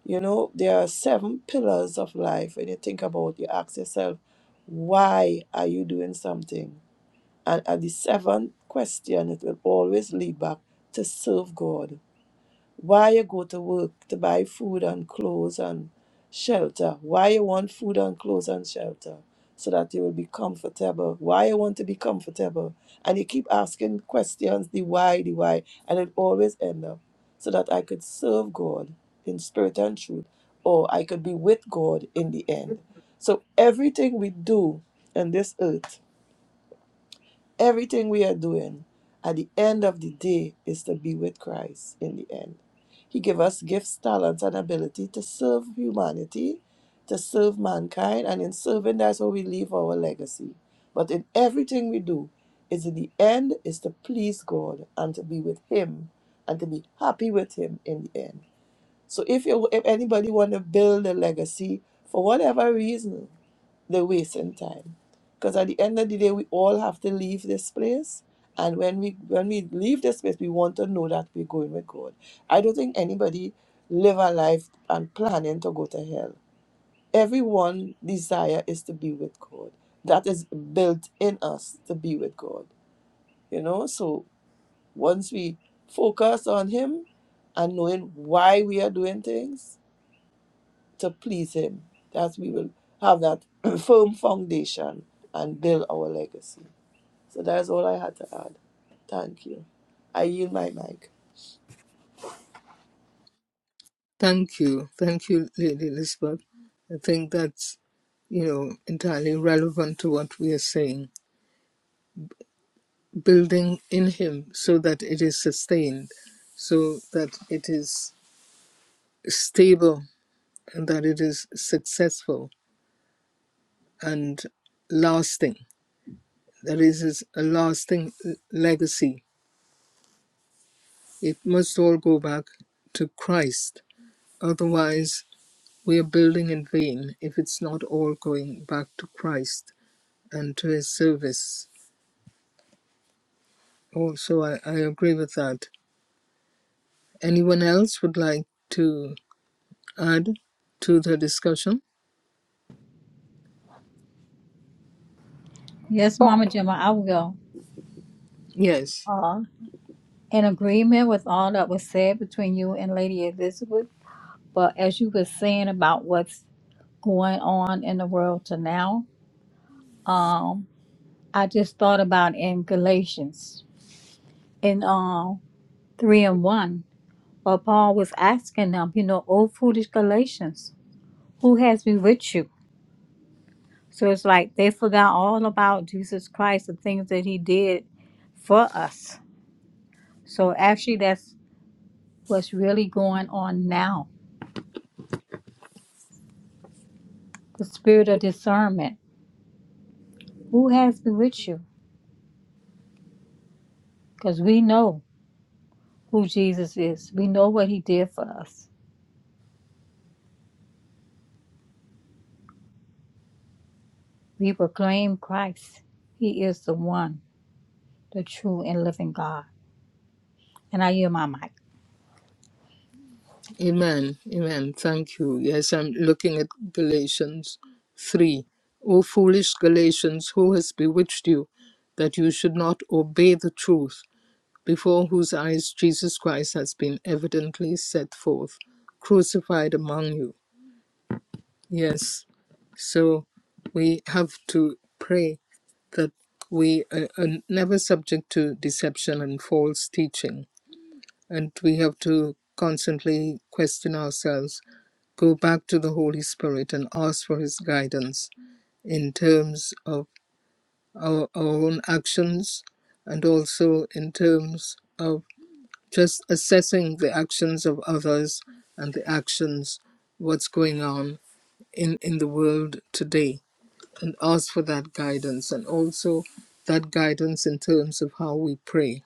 Speaker 2: You know, there are seven pillars of life. When you think about it, you ask yourself, why are you doing something? And, at the seventh question, it will always lead back to serve God. Why you go to work to buy food and clothes and shelter? Why you want food and clothes and shelter? So that you will be comfortable. Why you want to be comfortable? And you keep asking questions, the why, the why, and it always end up so that I could serve God in spirit and truth, or I could be with God in the end. So everything we do in this earth Everything we are doing at the end of the day is to be with Christ in the end. He gave us gifts, talents, and ability to serve humanity, to serve mankind, and in serving, that's how we leave our legacy. But in everything we do, is in the end is to please God and to be with Him and to be happy with Him in the end. So if you if anybody want to build a legacy for whatever reason, they're wasting time. Because at the end of the day, we all have to leave this place. And when we when we leave this place, we want to know that we're going with God. I don't think anybody live a life and planning to go to hell. Everyone desire is to be with God. That is built in us to be with God. You know, so once we focus on Him and knowing why we are doing things, to please Him, that we will have that firm foundation and build our legacy. So that's all I had to add. Thank you. I yield my mic.
Speaker 3: Thank you. Thank you, Lady Elizabeth. I think that's, you know, entirely relevant to what we are saying. Building in Him so that it is sustained, so that it is stable and that it is successful and lasting. That is is a lasting l- legacy. It must all go back to Christ. Otherwise, we are building in vain if it's not all going back to Christ and to his service. Also, I, I agree with that. Anyone else would like to add to the discussion?
Speaker 4: Yes,
Speaker 1: Wow.
Speaker 4: Mama Gemma, I will.
Speaker 3: Yes.
Speaker 4: Uh, in agreement with all that was said between you and Lady Elizabeth, but as you were saying about what's going on in the world to now, um, I just thought about in Galatians in uh, three and one, where Paul was asking them, you know, oh foolish Galatians, who has bewitched you? So it's like they forgot all about Jesus Christ, the things that he did for us. So actually, that's what's really going on now the spirit of discernment. Who has been with you? Because we know who Jesus is, we know what he did for us. We proclaim Christ, he is the one, the true and living God. And I yield my mic.
Speaker 3: Amen. Amen. Thank you. Yes, I'm looking at Galatians 3. O foolish Galatians, who has bewitched you that you should not obey the truth, before whose eyes Jesus Christ has been evidently set forth, crucified among you? Yes. So we have to pray that we are, are never subject to deception and false teaching. And we have to constantly question ourselves, go back to the Holy Spirit and ask for His guidance in terms of our, our own actions and also in terms of just assessing the actions of others and the actions, what's going on in, in the world today and ask for that guidance and also that guidance in terms of how we pray.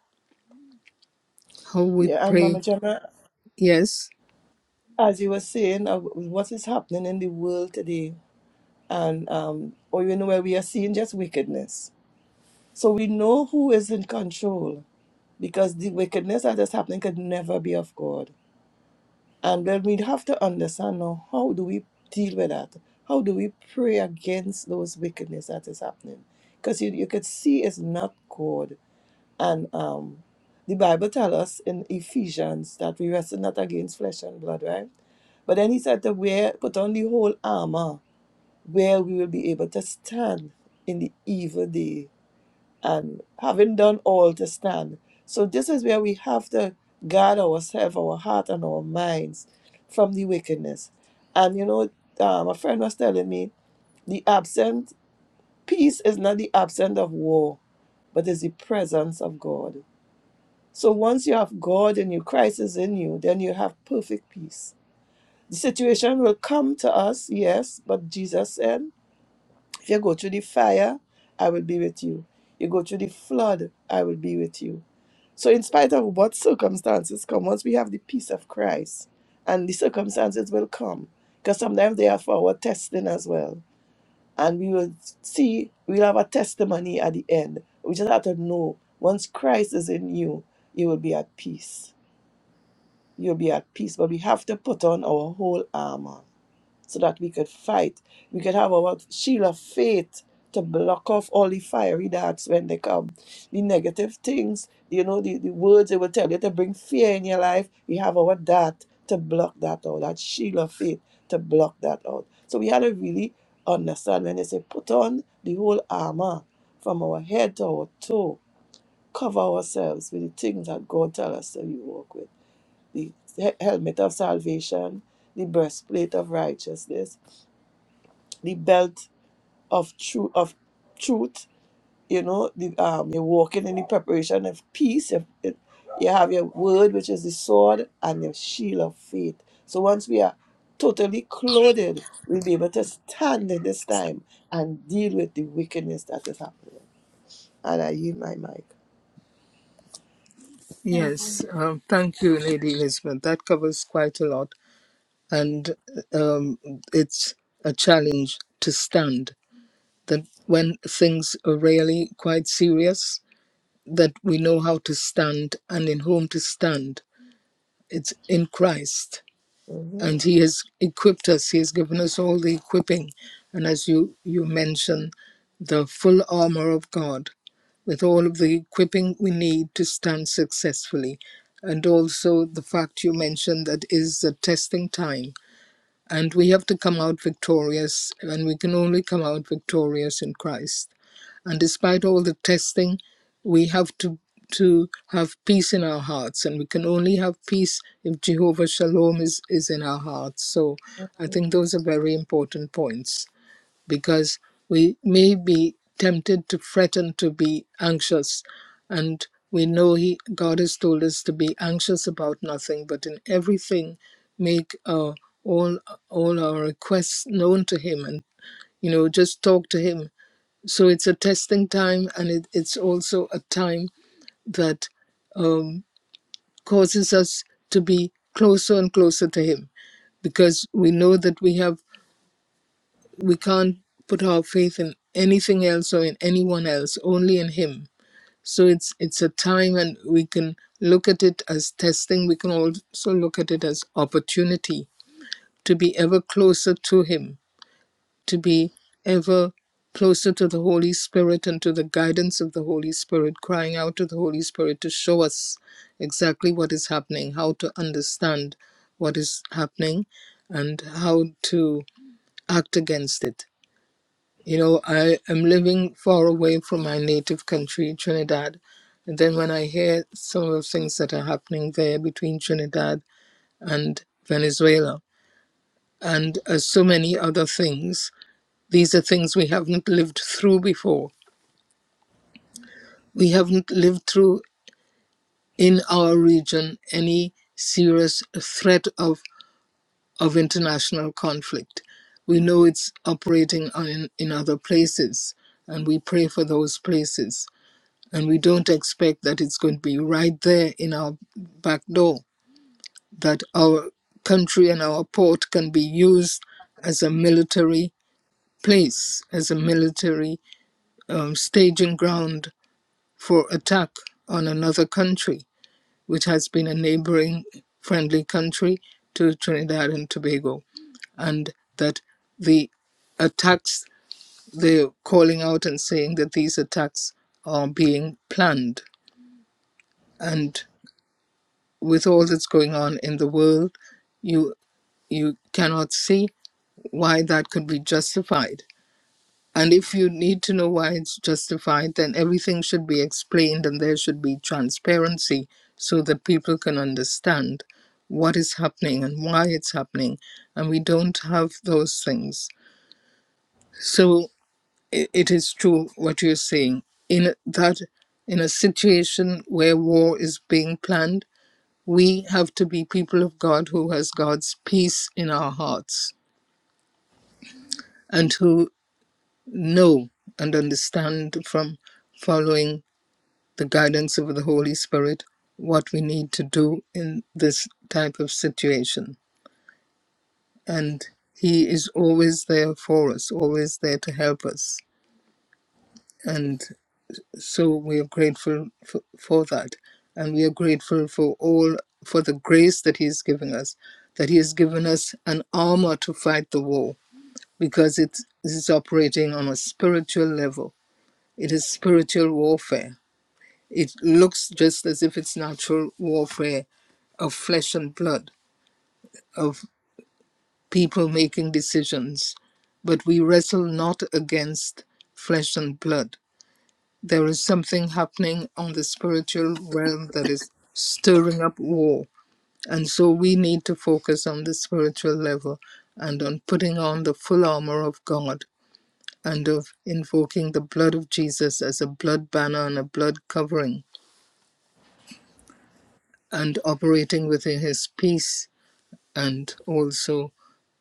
Speaker 3: How we
Speaker 2: Yeah, and
Speaker 3: pray.
Speaker 2: Mama Gemma,
Speaker 3: Yes,
Speaker 2: as you were saying, uh, what is happening in the world today, and um, or you know where we are seeing just wickedness. So we know who is in control because the wickedness that is happening could never be of God. And then we have to understand now how do we deal with that? How do we pray against those wickedness that is happening? Because you, you could see it's not good. And um, the Bible tells us in Ephesians that we wrestle not against flesh and blood, right? But then he said to wear, put on the whole armor where we will be able to stand in the evil day and having done all to stand. So this is where we have to guard ourselves, our heart, and our minds from the wickedness. And you know, um, a friend was telling me the absent peace is not the absence of war, but is the presence of God. So once you have God and your Christ is in you, then you have perfect peace. The situation will come to us, yes, but Jesus said, if you go through the fire, I will be with you. You go through the flood, I will be with you So, in spite of what circumstances come, once we have the peace of Christ, and the circumstances will come, because sometimes they are for our testing as well. And we will see, we'll have a testimony at the end. We just have to know once Christ is in you, you will be at peace. You'll be at peace. But we have to put on our whole armor so that we could fight. We could have our shield of faith to block off all the fiery darts when they come. The negative things, you know, the, the words they will tell you to bring fear in your life. We have our dart to block that out, that shield of faith to block that out. So we had to really understand when they say put on the whole armor from our head to our toe, cover ourselves with the things that God tells us that we walk with. The he- helmet of salvation, the breastplate of righteousness, the belt of truth of truth you know the um you're walking in the preparation of peace you you- you have your word which is the sword and your shield of faith so once we are totally clothed we'll be able to stand in this time and deal with the wickedness that is happening and i yield my mic
Speaker 3: yes. Um, thank you, Lady Elizabeth. That covers quite a lot. And um, it's a challenge to stand. That when things are really quite serious, that we know how to stand and in whom to stand. It's in Christ and
Speaker 2: Mhm.
Speaker 3: he has equipped us he has given us all the equipping and as you you mentioned the full armor of god with all of the equipping we need to stand successfully and also the fact you mentioned that is the testing time and we have to come out victorious, and we can only come out victorious in Christ. And despite all the testing, we have to to have peace in our hearts, and we can only have peace if Jehovah Shalom is is in our hearts. So I think those are very important points because we may be tempted to fret and to be anxious. And we know he, God has told us to be anxious about nothing, but in everything, make uh, all all our requests known to Him, and you know, just talk to Him. So it's a testing time, and it, it's also a time that um, causes us to be closer and closer to Him because we know that we have we can't put our faith in anything else or in anyone else only in him so it's it's a time and we can look at it as testing we can also look at it as opportunity to be ever closer to him to be ever closer to the holy spirit and to the guidance of the holy spirit crying out to the holy spirit to show us exactly what is happening how to understand what is happening and how to act against it you know, I am living far away from my native country, Trinidad. And then when I hear some of the things that are happening there between Trinidad and Venezuela, and uh, so many other things, these are things we haven't lived through before. We haven't lived through in our region any serious threat of, of international conflict. We know it's operating on, in other places, and we pray for those places and we don't expect that it's going to be right there in our back door that our country and our port can be used as a military place as a military um, staging ground for attack on another country which has been a neighboring friendly country to trinidad and tobago and that the attacks they're calling out and saying that these attacks are being planned and. with all that's going on in the world, you you cannot see why that could be justified. And if you need to know why it's justified, then everything should be explained and there should be transparency so that people can understand what is happening and why it's happening. And we don't have those things. So i it is true what you're saying. In that in a situation where war is being planned, we have to be people of God who has God's peace in our hearts and who know and understand from following the guidance of the Holy Spirit what we need to do in this type of situation. And He is always there for us, always there to help us. And so we are grateful for, for that. And we are grateful for all, for the grace that He is giving us, that He has given us an armor to fight the war because it is operating on a spiritual level. It is spiritual warfare. It looks just as if it's natural warfare of flesh and blood, of people making decisions. But we wrestle not against flesh and blood. There is something happening on the spiritual realm that is stirring up war. And so we need to focus on the spiritual level and on putting on the full armor of God and of invoking the blood of Jesus as a blood banner and a blood covering, and operating within his peace and also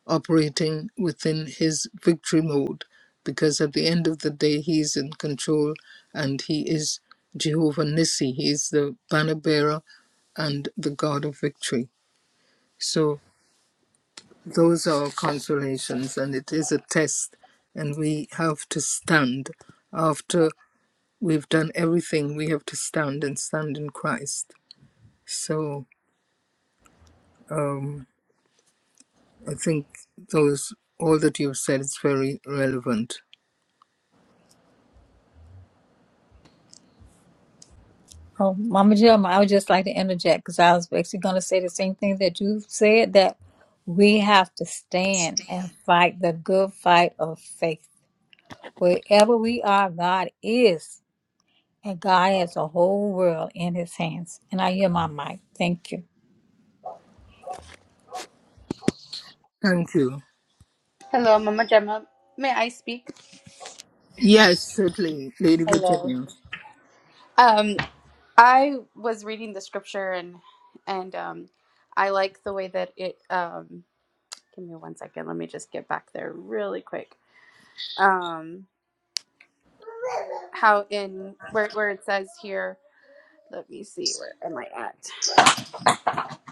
Speaker 3: operating within his victory mode, because at the end of the day, he is in control and he is Jehovah Nissi, he is the banner bearer and the God of victory. So those are our consolations, and it is a test, and we have to stand. After We've done everything. We have to stand and stand in Christ. So um, I think those all that you've said is very relevant.
Speaker 4: Oh, Mama Jim, I would just like to interject because I was actually going to say the same thing that you said that we have to stand and fight the good fight of faith. Wherever we are, God is, and God has the whole world in his hands. And I hear my mic. Thank you.
Speaker 3: Thank you.
Speaker 7: Hello, Mama Gemma. May I speak?
Speaker 3: Yes, certainly, Lady Virginia.
Speaker 7: Um, I was reading the scripture and and um, I like the way that it. Um, give me one second. Let me just get back there really quick. Um, how in where where it says here. Let me see. Where am I at?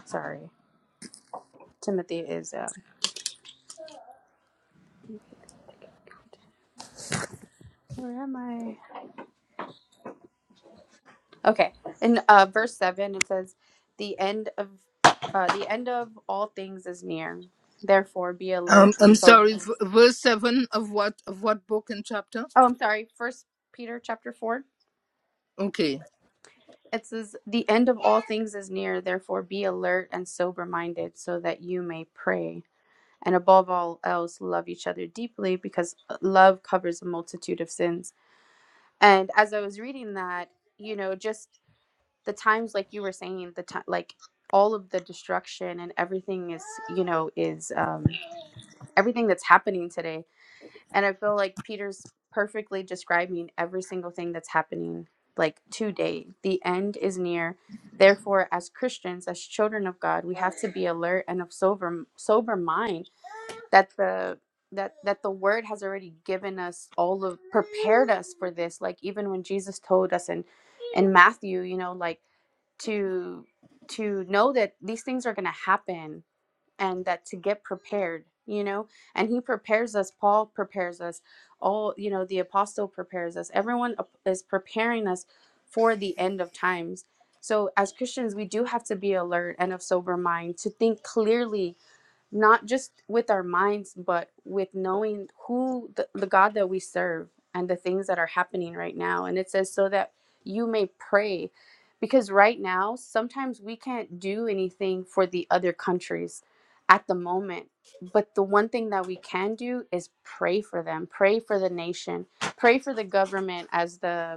Speaker 7: Sorry, Timothy is. Uh, where am I? Okay, in uh, verse seven it says, "The end of uh, the end of all things is near. Therefore, be
Speaker 3: Um,
Speaker 7: alert and
Speaker 3: I'm
Speaker 7: sober."
Speaker 3: sorry. v- Verse seven of what of what book and chapter?
Speaker 7: Oh, I'm sorry. First Peter chapter four.
Speaker 3: Okay.
Speaker 7: It says, "The end of all things is near. Therefore, be alert and sober-minded, so that you may pray. And above all else, love each other deeply, because uh, love covers a multitude of sins." And as I was reading that, you know, just the times, like you were saying, the time, like all of the destruction and everything is, you know, is um, everything that's happening today And I feel like Peter's perfectly describing every single thing that's happening, like today. The end is near. Therefore, as Christians, as children of God, we have to be alert and of sober sober mind that the that that the word has already given us all of prepared us for this. Like even when Jesus told us in in Matthew, you know, like to to know that these things are gonna happen and that to get prepared you know and he prepares us paul prepares us all you know the apostle prepares us everyone ap- is preparing us for the end of times so as christians we do have to be alert and of sober mind to think clearly not just with our minds, but with knowing who the, the God that we serve and the things that are happening right now. And it says, so that you may pray. Because right now, sometimes we can't do anything for the other countries at the moment. But the one thing that we can do is pray for them, pray for the nation, pray for the government as the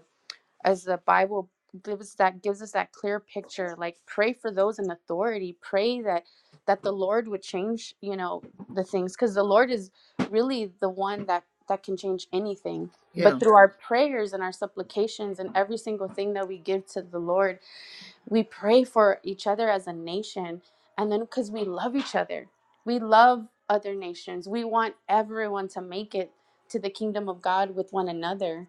Speaker 7: as the Bible gives that gives us that clear picture. Like pray for those in authority. Pray that that the Lord would change, you know, the things because the Lord is really the one that that can change anything. But
Speaker 3: Yeah.
Speaker 7: through our prayers and our supplications and every single thing that we give to the Lord, we pray for each other as a nation. And then because we love each other, we love other nations. We want everyone to make it to the kingdom of God with one another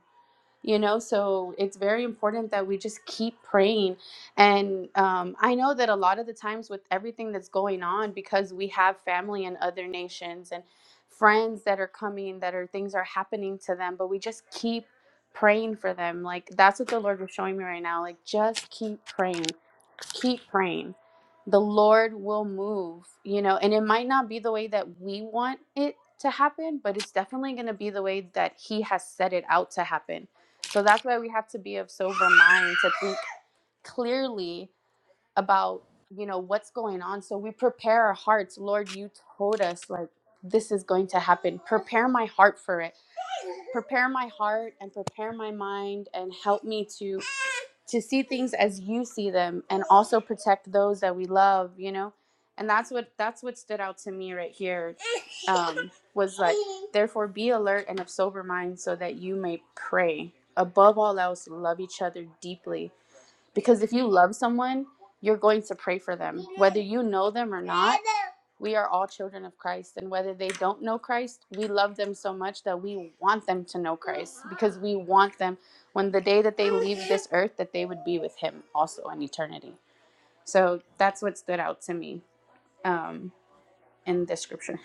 Speaker 7: you know so it's very important that we just keep praying and um, i know that a lot of the times with everything that's going on because we have family in other nations and friends that are coming that are things are happening to them but we just keep praying for them like that's what the lord was showing me right now like just keep praying keep praying. The Lord will move, you know, and it might not be the way that we want it to happen, but it's definitely going to be the way that He has set it out to happen. So that's why we have to be of sober mind to think clearly about you know what's going on so we prepare our hearts lord you told us like this is going to happen prepare my heart for it prepare my heart and prepare my mind and help me to to see things as you see them and also protect those that we love you know and that's what that's what stood out to me right here um was like therefore be alert and of sober mind so that you may pray above all else love each other deeply because if you love someone, you're going to pray for them. Whether you know them or not, we are all children of Christ. And whether they don't know Christ, we love them so much that we want them to know Christ because we want them when the day that they leave this earth, that they would be with Him also in eternity. So that's what stood out to me um, in this scripture.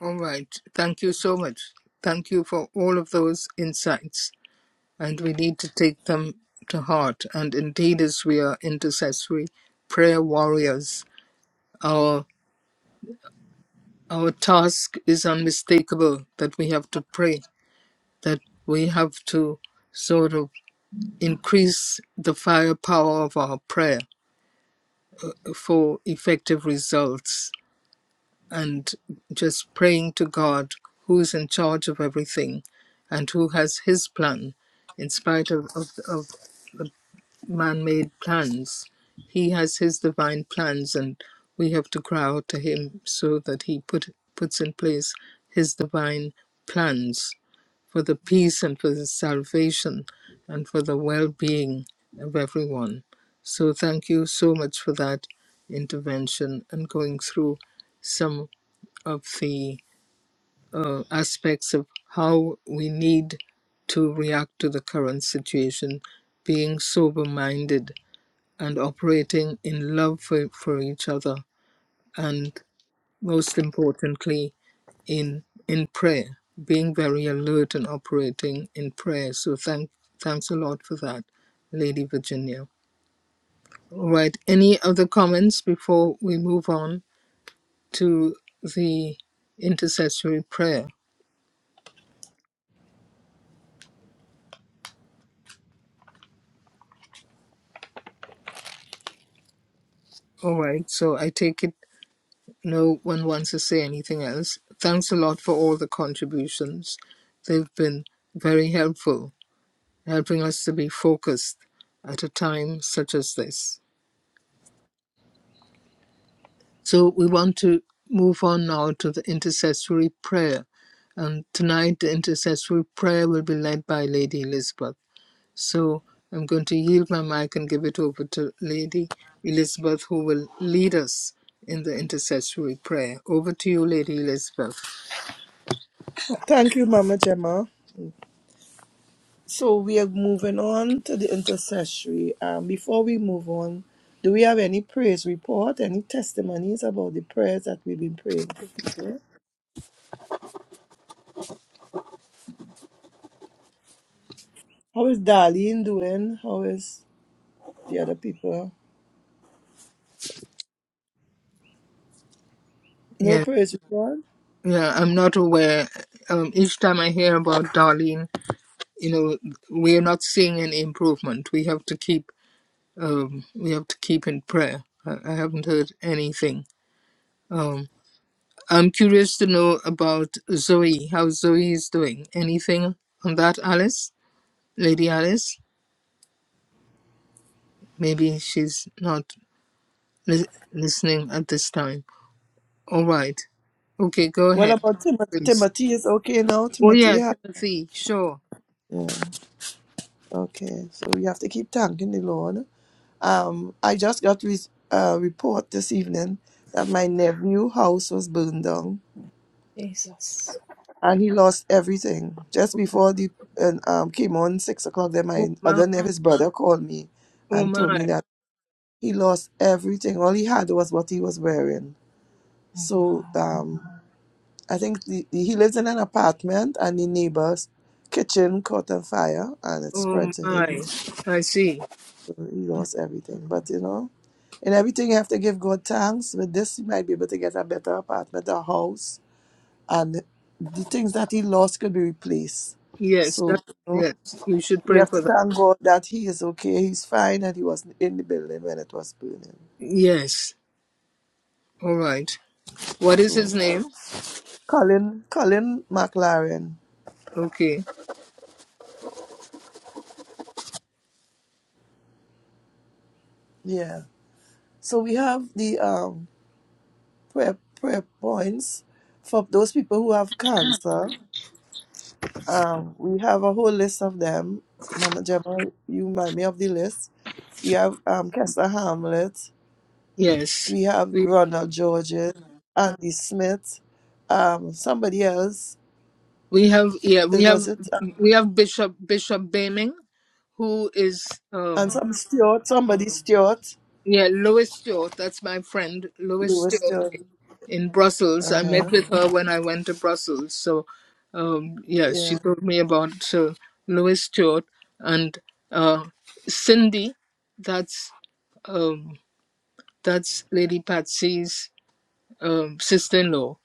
Speaker 3: All right. Thank you so much. Thank you for all of those insights, and we need to take them to heart. And indeed, as we are intercessory prayer warriors, Our task is unmistakable that we have to pray, that we have to sort of increase the firepower of our prayer for effective results and just praying to God who's in charge of everything and who has his plan in spite of, of, of man made plans. He has his divine plans, and we have to cry out to him so that he put, puts in place his divine plans. for the peace and for the salvation and for the well being of everyone. So, thank you so much for that intervention and going through some of the uh, aspects of how we need to react to the current situation, being sober minded and operating in love for, for each other, and most importantly, in in prayer, being very alert and operating in prayer. So thank thanks a lot for that, Lady Virginia. All right. Any other comments before we move on to the intercessory prayer? All right. So I take it no one wants to say anything else. Thanks a lot for all the contributions. They've been very helpful, helping us to be focused at a time such as this. So we want to move on now to the intercessory prayer. And tonight, the intercessory prayer will be led by Lady Elizabeth. So I'm going to yield my mic and give it over to Lady Elizabeth, who will lead us in the intercessory prayer. Over to you, Lady Elizabeth.
Speaker 2: Thank you, Mama Gemma. So we are moving on to the intercessory. Um, before we move on, do we have any praise report, any testimonies about the prayers that we've been praying for people? How is Darlene doing? How is the other people? No
Speaker 3: Yeah,
Speaker 2: praise report?
Speaker 3: yeah, I'm not aware. Um, each time I hear about Darlene, you know, we are not seeing any improvement. We have to keep, um, we have to keep in prayer. I, I haven't heard anything Um, I'm curious to know about Zoe, how Zoe is doing. Anything on that, Alice? Lady Alice? Maybe she's not li- listening at this time. All right. Okay, go
Speaker 2: What
Speaker 3: ahead,
Speaker 2: about Timothy?
Speaker 3: please.
Speaker 2: Timothy is okay now?
Speaker 3: Oh, yeah,
Speaker 2: Timothy? ha-
Speaker 3: Timothy, sure.
Speaker 2: Yeah. Okay. So we have to keep thanking the Lord. Um, I just got a uh, report this evening that my nephew house was burned down
Speaker 4: Jesus.
Speaker 2: and he lost everything just before the and um came on six o'clock. Then my
Speaker 3: Oh, my.
Speaker 2: other nephew, his brother, called me
Speaker 3: Oh,
Speaker 2: and told me
Speaker 3: my.
Speaker 2: that he lost everything. All he had was what he was wearing. So um, I think the, the- he lives in an apartment, and the neighbor's kitchen caught on fire, and it
Speaker 3: Oh,
Speaker 2: spread to him.
Speaker 3: my. I see.
Speaker 2: So he lost everything. But you know, in everything you have to give God thanks. With this, he might be able to get a better apartment, a house, and the things that he lost could be replaced.
Speaker 3: Yes,
Speaker 2: So.
Speaker 3: that, yes, you should
Speaker 2: We
Speaker 3: pray
Speaker 2: have to
Speaker 3: for that.
Speaker 2: thank God that he is okay, he's fine, and he wasn't in the building when it was burning.
Speaker 3: Yes. All right. What is his
Speaker 2: So
Speaker 3: name?
Speaker 2: Colin, Colin McLaren,
Speaker 3: Okay.
Speaker 2: yeah. So we have the um prayer prayer points for those people who have cancer. Um, we have a whole list of them. Mama Gemma, you remind me of the list. We have um Kester Hamlet.
Speaker 3: Yes.
Speaker 2: We have Ronald Georges, Andy Smith, um somebody else.
Speaker 3: We have yeah, we
Speaker 2: It was
Speaker 3: have
Speaker 2: it.
Speaker 3: we have Bishop Bishop Baming, who is
Speaker 2: and
Speaker 3: um
Speaker 2: some Stewart, somebody Stewart,
Speaker 3: yeah, Lois Stewart, that's my friend, Lois
Speaker 2: Lewis
Speaker 3: Stewart
Speaker 2: Stewart.
Speaker 3: in Brussels.
Speaker 2: Uh
Speaker 3: I
Speaker 2: huh.
Speaker 3: met with her when I went to Brussels. So um yeah, she
Speaker 2: Yeah.
Speaker 3: told me about uh, Lois Stewart and uh Cindy, that's um that's Lady Patsy's um sister in law.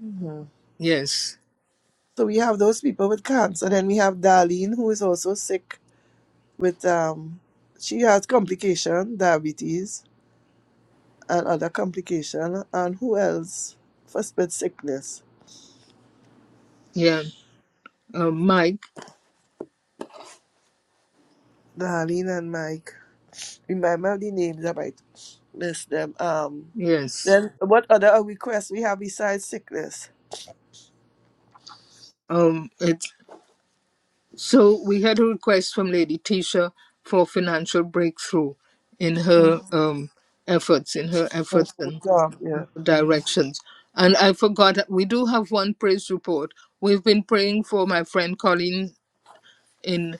Speaker 2: hmm
Speaker 3: Yes.
Speaker 2: So we have those people with cancer. Then we have Darlene, who is also sick with um, she has complication, diabetes, and other complication. And who else? First with sickness.
Speaker 3: Yeah. Um Mike,
Speaker 2: Darlene and Mike. Remember the names, I might miss them. Um,
Speaker 3: yes.
Speaker 2: then what other requests we have besides sickness?
Speaker 3: Um it's. So we had a request from Lady Tisha for financial breakthrough in
Speaker 2: Mhm.
Speaker 3: her um, efforts, in her efforts and
Speaker 2: Job, yeah. Mhm.
Speaker 3: directions. And I forgot that we do have one praise report. We've been praying for my friend Colleen in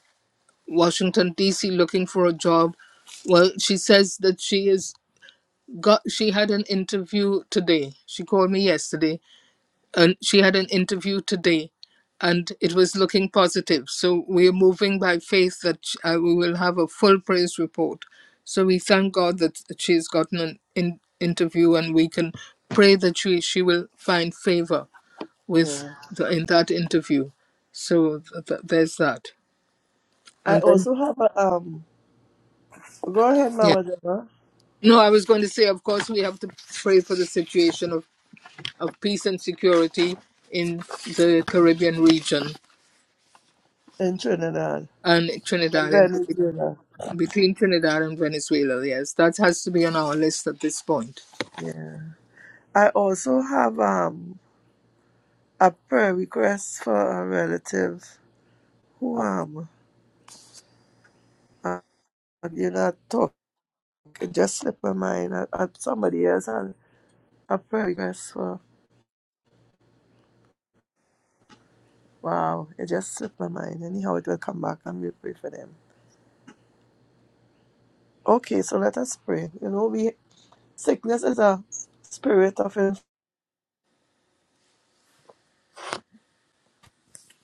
Speaker 3: Washington D.C. looking for a job. Well, she says that she is got. She had an interview today. She called me yesterday and she had an interview today and it was looking positive so we are moving by faith that uh, we will have a full praise report so we thank god that she's gotten an in- interview and we can pray that she, she will find favor with
Speaker 2: Yeah.
Speaker 3: the, in that interview so th- th- there's that
Speaker 2: I
Speaker 3: and then
Speaker 2: also have a um Go ahead,
Speaker 3: yeah
Speaker 2: Mama Deborah,
Speaker 3: no i was going to say of course we have to pray for the situation of, of peace and security in the caribbean region
Speaker 2: in Trinidad
Speaker 3: and
Speaker 2: and
Speaker 3: trinidad in particular
Speaker 2: Venezuela.
Speaker 3: between Trinidad and Venezuela. Yes, that has to be on our list at this point.
Speaker 2: Yeah. I also have um a prayer request for a relative who um uh, you know talk it just slipped my mind at, at somebody else and a prayer request for wow it just slipped my mind anyhow it will come back and we pray for them. Okay, so let us pray. You know we sickness is a spirit of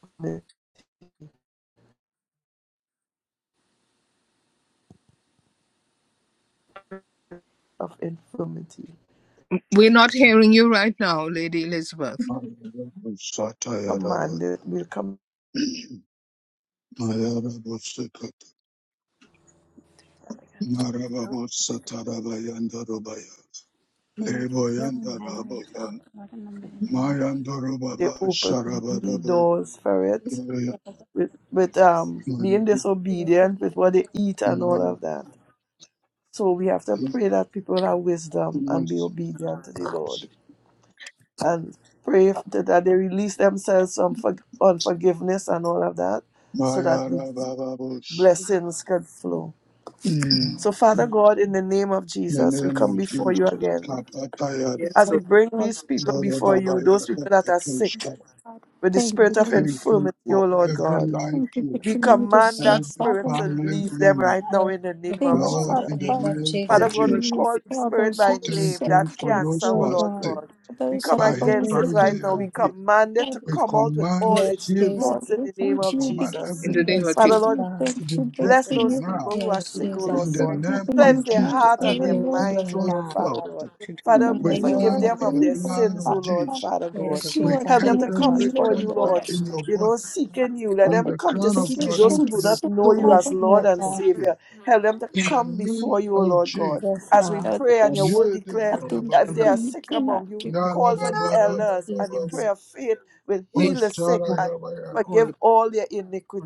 Speaker 2: infirmity, of infirmity
Speaker 3: We're not hearing you right now, Lady Elizabeth.
Speaker 6: Satayarabaya,
Speaker 2: commanded will come
Speaker 6: Mayarabosakata, Marababosatarabayandarabaya,
Speaker 7: We need to heal him, Henry.
Speaker 6: Leboyandarabaya,
Speaker 7: Um, Lord, in the name of
Speaker 2: They
Speaker 6: Mayandarababa,
Speaker 2: open
Speaker 6: Sharabarabo,
Speaker 2: doors for it
Speaker 6: Maya,
Speaker 2: with with
Speaker 7: Jesus.
Speaker 2: um being disobedient with what they eat and all
Speaker 6: Maya,
Speaker 2: of that. So we have to pray that people have wisdom and be obedient to the Lord and pray f- that that they release themselves from for, unforgiveness and all of that so that the
Speaker 6: Mayarabababosha.
Speaker 2: blessings can flow.
Speaker 6: In
Speaker 2: So, Father God, in the name of
Speaker 6: the
Speaker 2: Jesus, we
Speaker 6: name of
Speaker 2: come before you
Speaker 6: Jesus,
Speaker 2: again.
Speaker 3: Yes,
Speaker 6: Kapatayara,
Speaker 2: As we
Speaker 3: so
Speaker 1: Thank you,
Speaker 2: bring
Speaker 1: Lord
Speaker 2: these people before you, those people that are sick
Speaker 6: Darababaya,
Speaker 1: God.
Speaker 2: with the
Speaker 1: Thank
Speaker 2: spirit
Speaker 1: you,
Speaker 2: of
Speaker 1: Lord.
Speaker 6: Thank you
Speaker 2: infirmity, O
Speaker 6: for
Speaker 2: Lord
Speaker 6: every
Speaker 2: God.
Speaker 6: life
Speaker 1: Thank you
Speaker 6: here,
Speaker 1: that
Speaker 2: We
Speaker 1: you made us
Speaker 2: command
Speaker 1: here,
Speaker 2: that
Speaker 6: every
Speaker 2: spirit
Speaker 1: Father.
Speaker 2: to
Speaker 6: family
Speaker 2: leave them
Speaker 6: member.
Speaker 2: right now
Speaker 4: Yes,
Speaker 2: in the name
Speaker 1: Thank
Speaker 2: of
Speaker 4: Lord,
Speaker 1: you,
Speaker 4: in
Speaker 6: Lord,
Speaker 2: Jesus.
Speaker 4: the
Speaker 1: Father
Speaker 6: in the
Speaker 4: name
Speaker 1: God.
Speaker 4: of
Speaker 6: name
Speaker 3: in
Speaker 2: Father
Speaker 6: of
Speaker 3: the
Speaker 4: Jesus.
Speaker 2: God,
Speaker 3: name
Speaker 1: You
Speaker 2: we
Speaker 3: of
Speaker 6: Jesus,
Speaker 1: need us
Speaker 2: call
Speaker 3: Jesus.
Speaker 2: the
Speaker 1: for all
Speaker 2: spirit
Speaker 1: those who
Speaker 2: by
Speaker 1: are
Speaker 6: thank
Speaker 2: name,
Speaker 1: sick,
Speaker 6: you
Speaker 2: that
Speaker 6: for
Speaker 4: Yes,
Speaker 2: cancer,
Speaker 6: those
Speaker 2: oh
Speaker 6: who
Speaker 4: Lord
Speaker 6: are
Speaker 2: Lord
Speaker 4: God.
Speaker 6: sick.
Speaker 2: God.
Speaker 1: for
Speaker 2: We
Speaker 1: those
Speaker 2: come
Speaker 1: that are
Speaker 6: By his
Speaker 1: going
Speaker 2: against it
Speaker 1: through
Speaker 4: Yes,
Speaker 6: stripes
Speaker 2: right
Speaker 6: they
Speaker 2: now.
Speaker 6: are
Speaker 2: We
Speaker 4: Jesus.
Speaker 6: healed.
Speaker 2: command it to
Speaker 1: cancer.
Speaker 6: We
Speaker 2: come out with
Speaker 6: command
Speaker 2: all its
Speaker 4: Yes,
Speaker 6: healing.
Speaker 4: Jesus.
Speaker 1: Lord,
Speaker 2: roots in
Speaker 1: we
Speaker 2: the
Speaker 1: come
Speaker 2: name
Speaker 6: We
Speaker 1: to
Speaker 2: of
Speaker 1: you
Speaker 6: command
Speaker 1: because
Speaker 2: Jesus.
Speaker 3: In
Speaker 6: every
Speaker 1: we
Speaker 3: the
Speaker 1: know
Speaker 3: name
Speaker 4: Yes,
Speaker 1: that
Speaker 3: of
Speaker 2: Father
Speaker 6: sickness
Speaker 3: Jesus.
Speaker 1: there's
Speaker 4: Father
Speaker 2: Lord
Speaker 1: no
Speaker 4: God.
Speaker 6: to
Speaker 1: big,
Speaker 6: be
Speaker 1: too big
Speaker 2: Bless
Speaker 7: The
Speaker 1: for
Speaker 6: broken
Speaker 2: those
Speaker 1: you.
Speaker 6: now.
Speaker 2: people who are
Speaker 3: In
Speaker 4: Yes,
Speaker 3: the
Speaker 2: sick, O Lord
Speaker 6: In
Speaker 4: Jesus.
Speaker 6: the
Speaker 1: There's
Speaker 2: God.
Speaker 7: healing
Speaker 6: name
Speaker 1: nothing
Speaker 6: of
Speaker 2: Cleanse
Speaker 1: you
Speaker 2: their
Speaker 1: can't
Speaker 6: Jesus,
Speaker 2: heart and
Speaker 1: do,
Speaker 2: their
Speaker 6: every
Speaker 4: Yes,
Speaker 1: Lord.
Speaker 2: minds, O
Speaker 4: Lord
Speaker 6: control
Speaker 2: Lord
Speaker 4: God.
Speaker 2: Father
Speaker 6: cell.
Speaker 7: blood,
Speaker 2: God.
Speaker 1: We
Speaker 2: Father,
Speaker 3: name
Speaker 1: know
Speaker 6: we
Speaker 1: that you
Speaker 2: forgive
Speaker 1: are
Speaker 4: Hallelujah.
Speaker 6: stand
Speaker 1: a
Speaker 2: them
Speaker 6: in
Speaker 2: of
Speaker 6: the
Speaker 2: their
Speaker 1: believer,
Speaker 6: blood
Speaker 2: sins,
Speaker 6: of
Speaker 2: O
Speaker 1: Father
Speaker 2: Lord
Speaker 1: God,
Speaker 6: Jesus.
Speaker 2: Father God.
Speaker 1: because
Speaker 4: Yes,
Speaker 6: We
Speaker 1: you are
Speaker 4: Jesus.
Speaker 2: Help
Speaker 6: cut
Speaker 2: them
Speaker 1: King
Speaker 2: to
Speaker 7: my
Speaker 1: of
Speaker 2: come
Speaker 7: God,
Speaker 1: Kings,
Speaker 6: every
Speaker 1: Lord
Speaker 2: before
Speaker 1: of
Speaker 2: you,
Speaker 6: cancer
Speaker 2: Lord.
Speaker 1: Lords.
Speaker 6: in
Speaker 7: touch,
Speaker 6: your
Speaker 7: touch.
Speaker 2: You
Speaker 6: body.
Speaker 2: know, seeking you. Let
Speaker 1: Lord,
Speaker 6: from
Speaker 2: them
Speaker 1: the
Speaker 6: the
Speaker 2: come to
Speaker 6: crown of
Speaker 2: seek you.
Speaker 6: your
Speaker 2: Those
Speaker 1: physician
Speaker 6: head
Speaker 2: who
Speaker 6: to
Speaker 2: do
Speaker 6: the
Speaker 2: not know you
Speaker 6: soles
Speaker 1: Father,
Speaker 2: as
Speaker 4: Yes,
Speaker 1: you
Speaker 2: Lord
Speaker 4: Lord
Speaker 6: of
Speaker 2: and
Speaker 6: your
Speaker 4: God.
Speaker 6: feet.
Speaker 2: Savior, help them to
Speaker 6: In the
Speaker 2: come
Speaker 6: name
Speaker 2: before you, O
Speaker 6: of
Speaker 2: Lord God.
Speaker 6: Jesus.
Speaker 4: Yes,
Speaker 2: As we
Speaker 4: God.
Speaker 1: know, that
Speaker 2: pray and your
Speaker 1: there's
Speaker 2: word declare,
Speaker 1: nothing
Speaker 2: if
Speaker 6: Yedabadababa,
Speaker 2: they
Speaker 1: that
Speaker 2: are
Speaker 1: you
Speaker 2: sick
Speaker 1: cannot
Speaker 2: among you,
Speaker 1: do.
Speaker 2: call for the
Speaker 4: Yes,
Speaker 2: elders, and the
Speaker 4: Jesus.
Speaker 6: yarabababababa,
Speaker 2: prayer of faith will heal
Speaker 4: Yes,
Speaker 2: the sick
Speaker 4: Lord God.
Speaker 2: and
Speaker 6: osharagabaya,
Speaker 2: forgive all their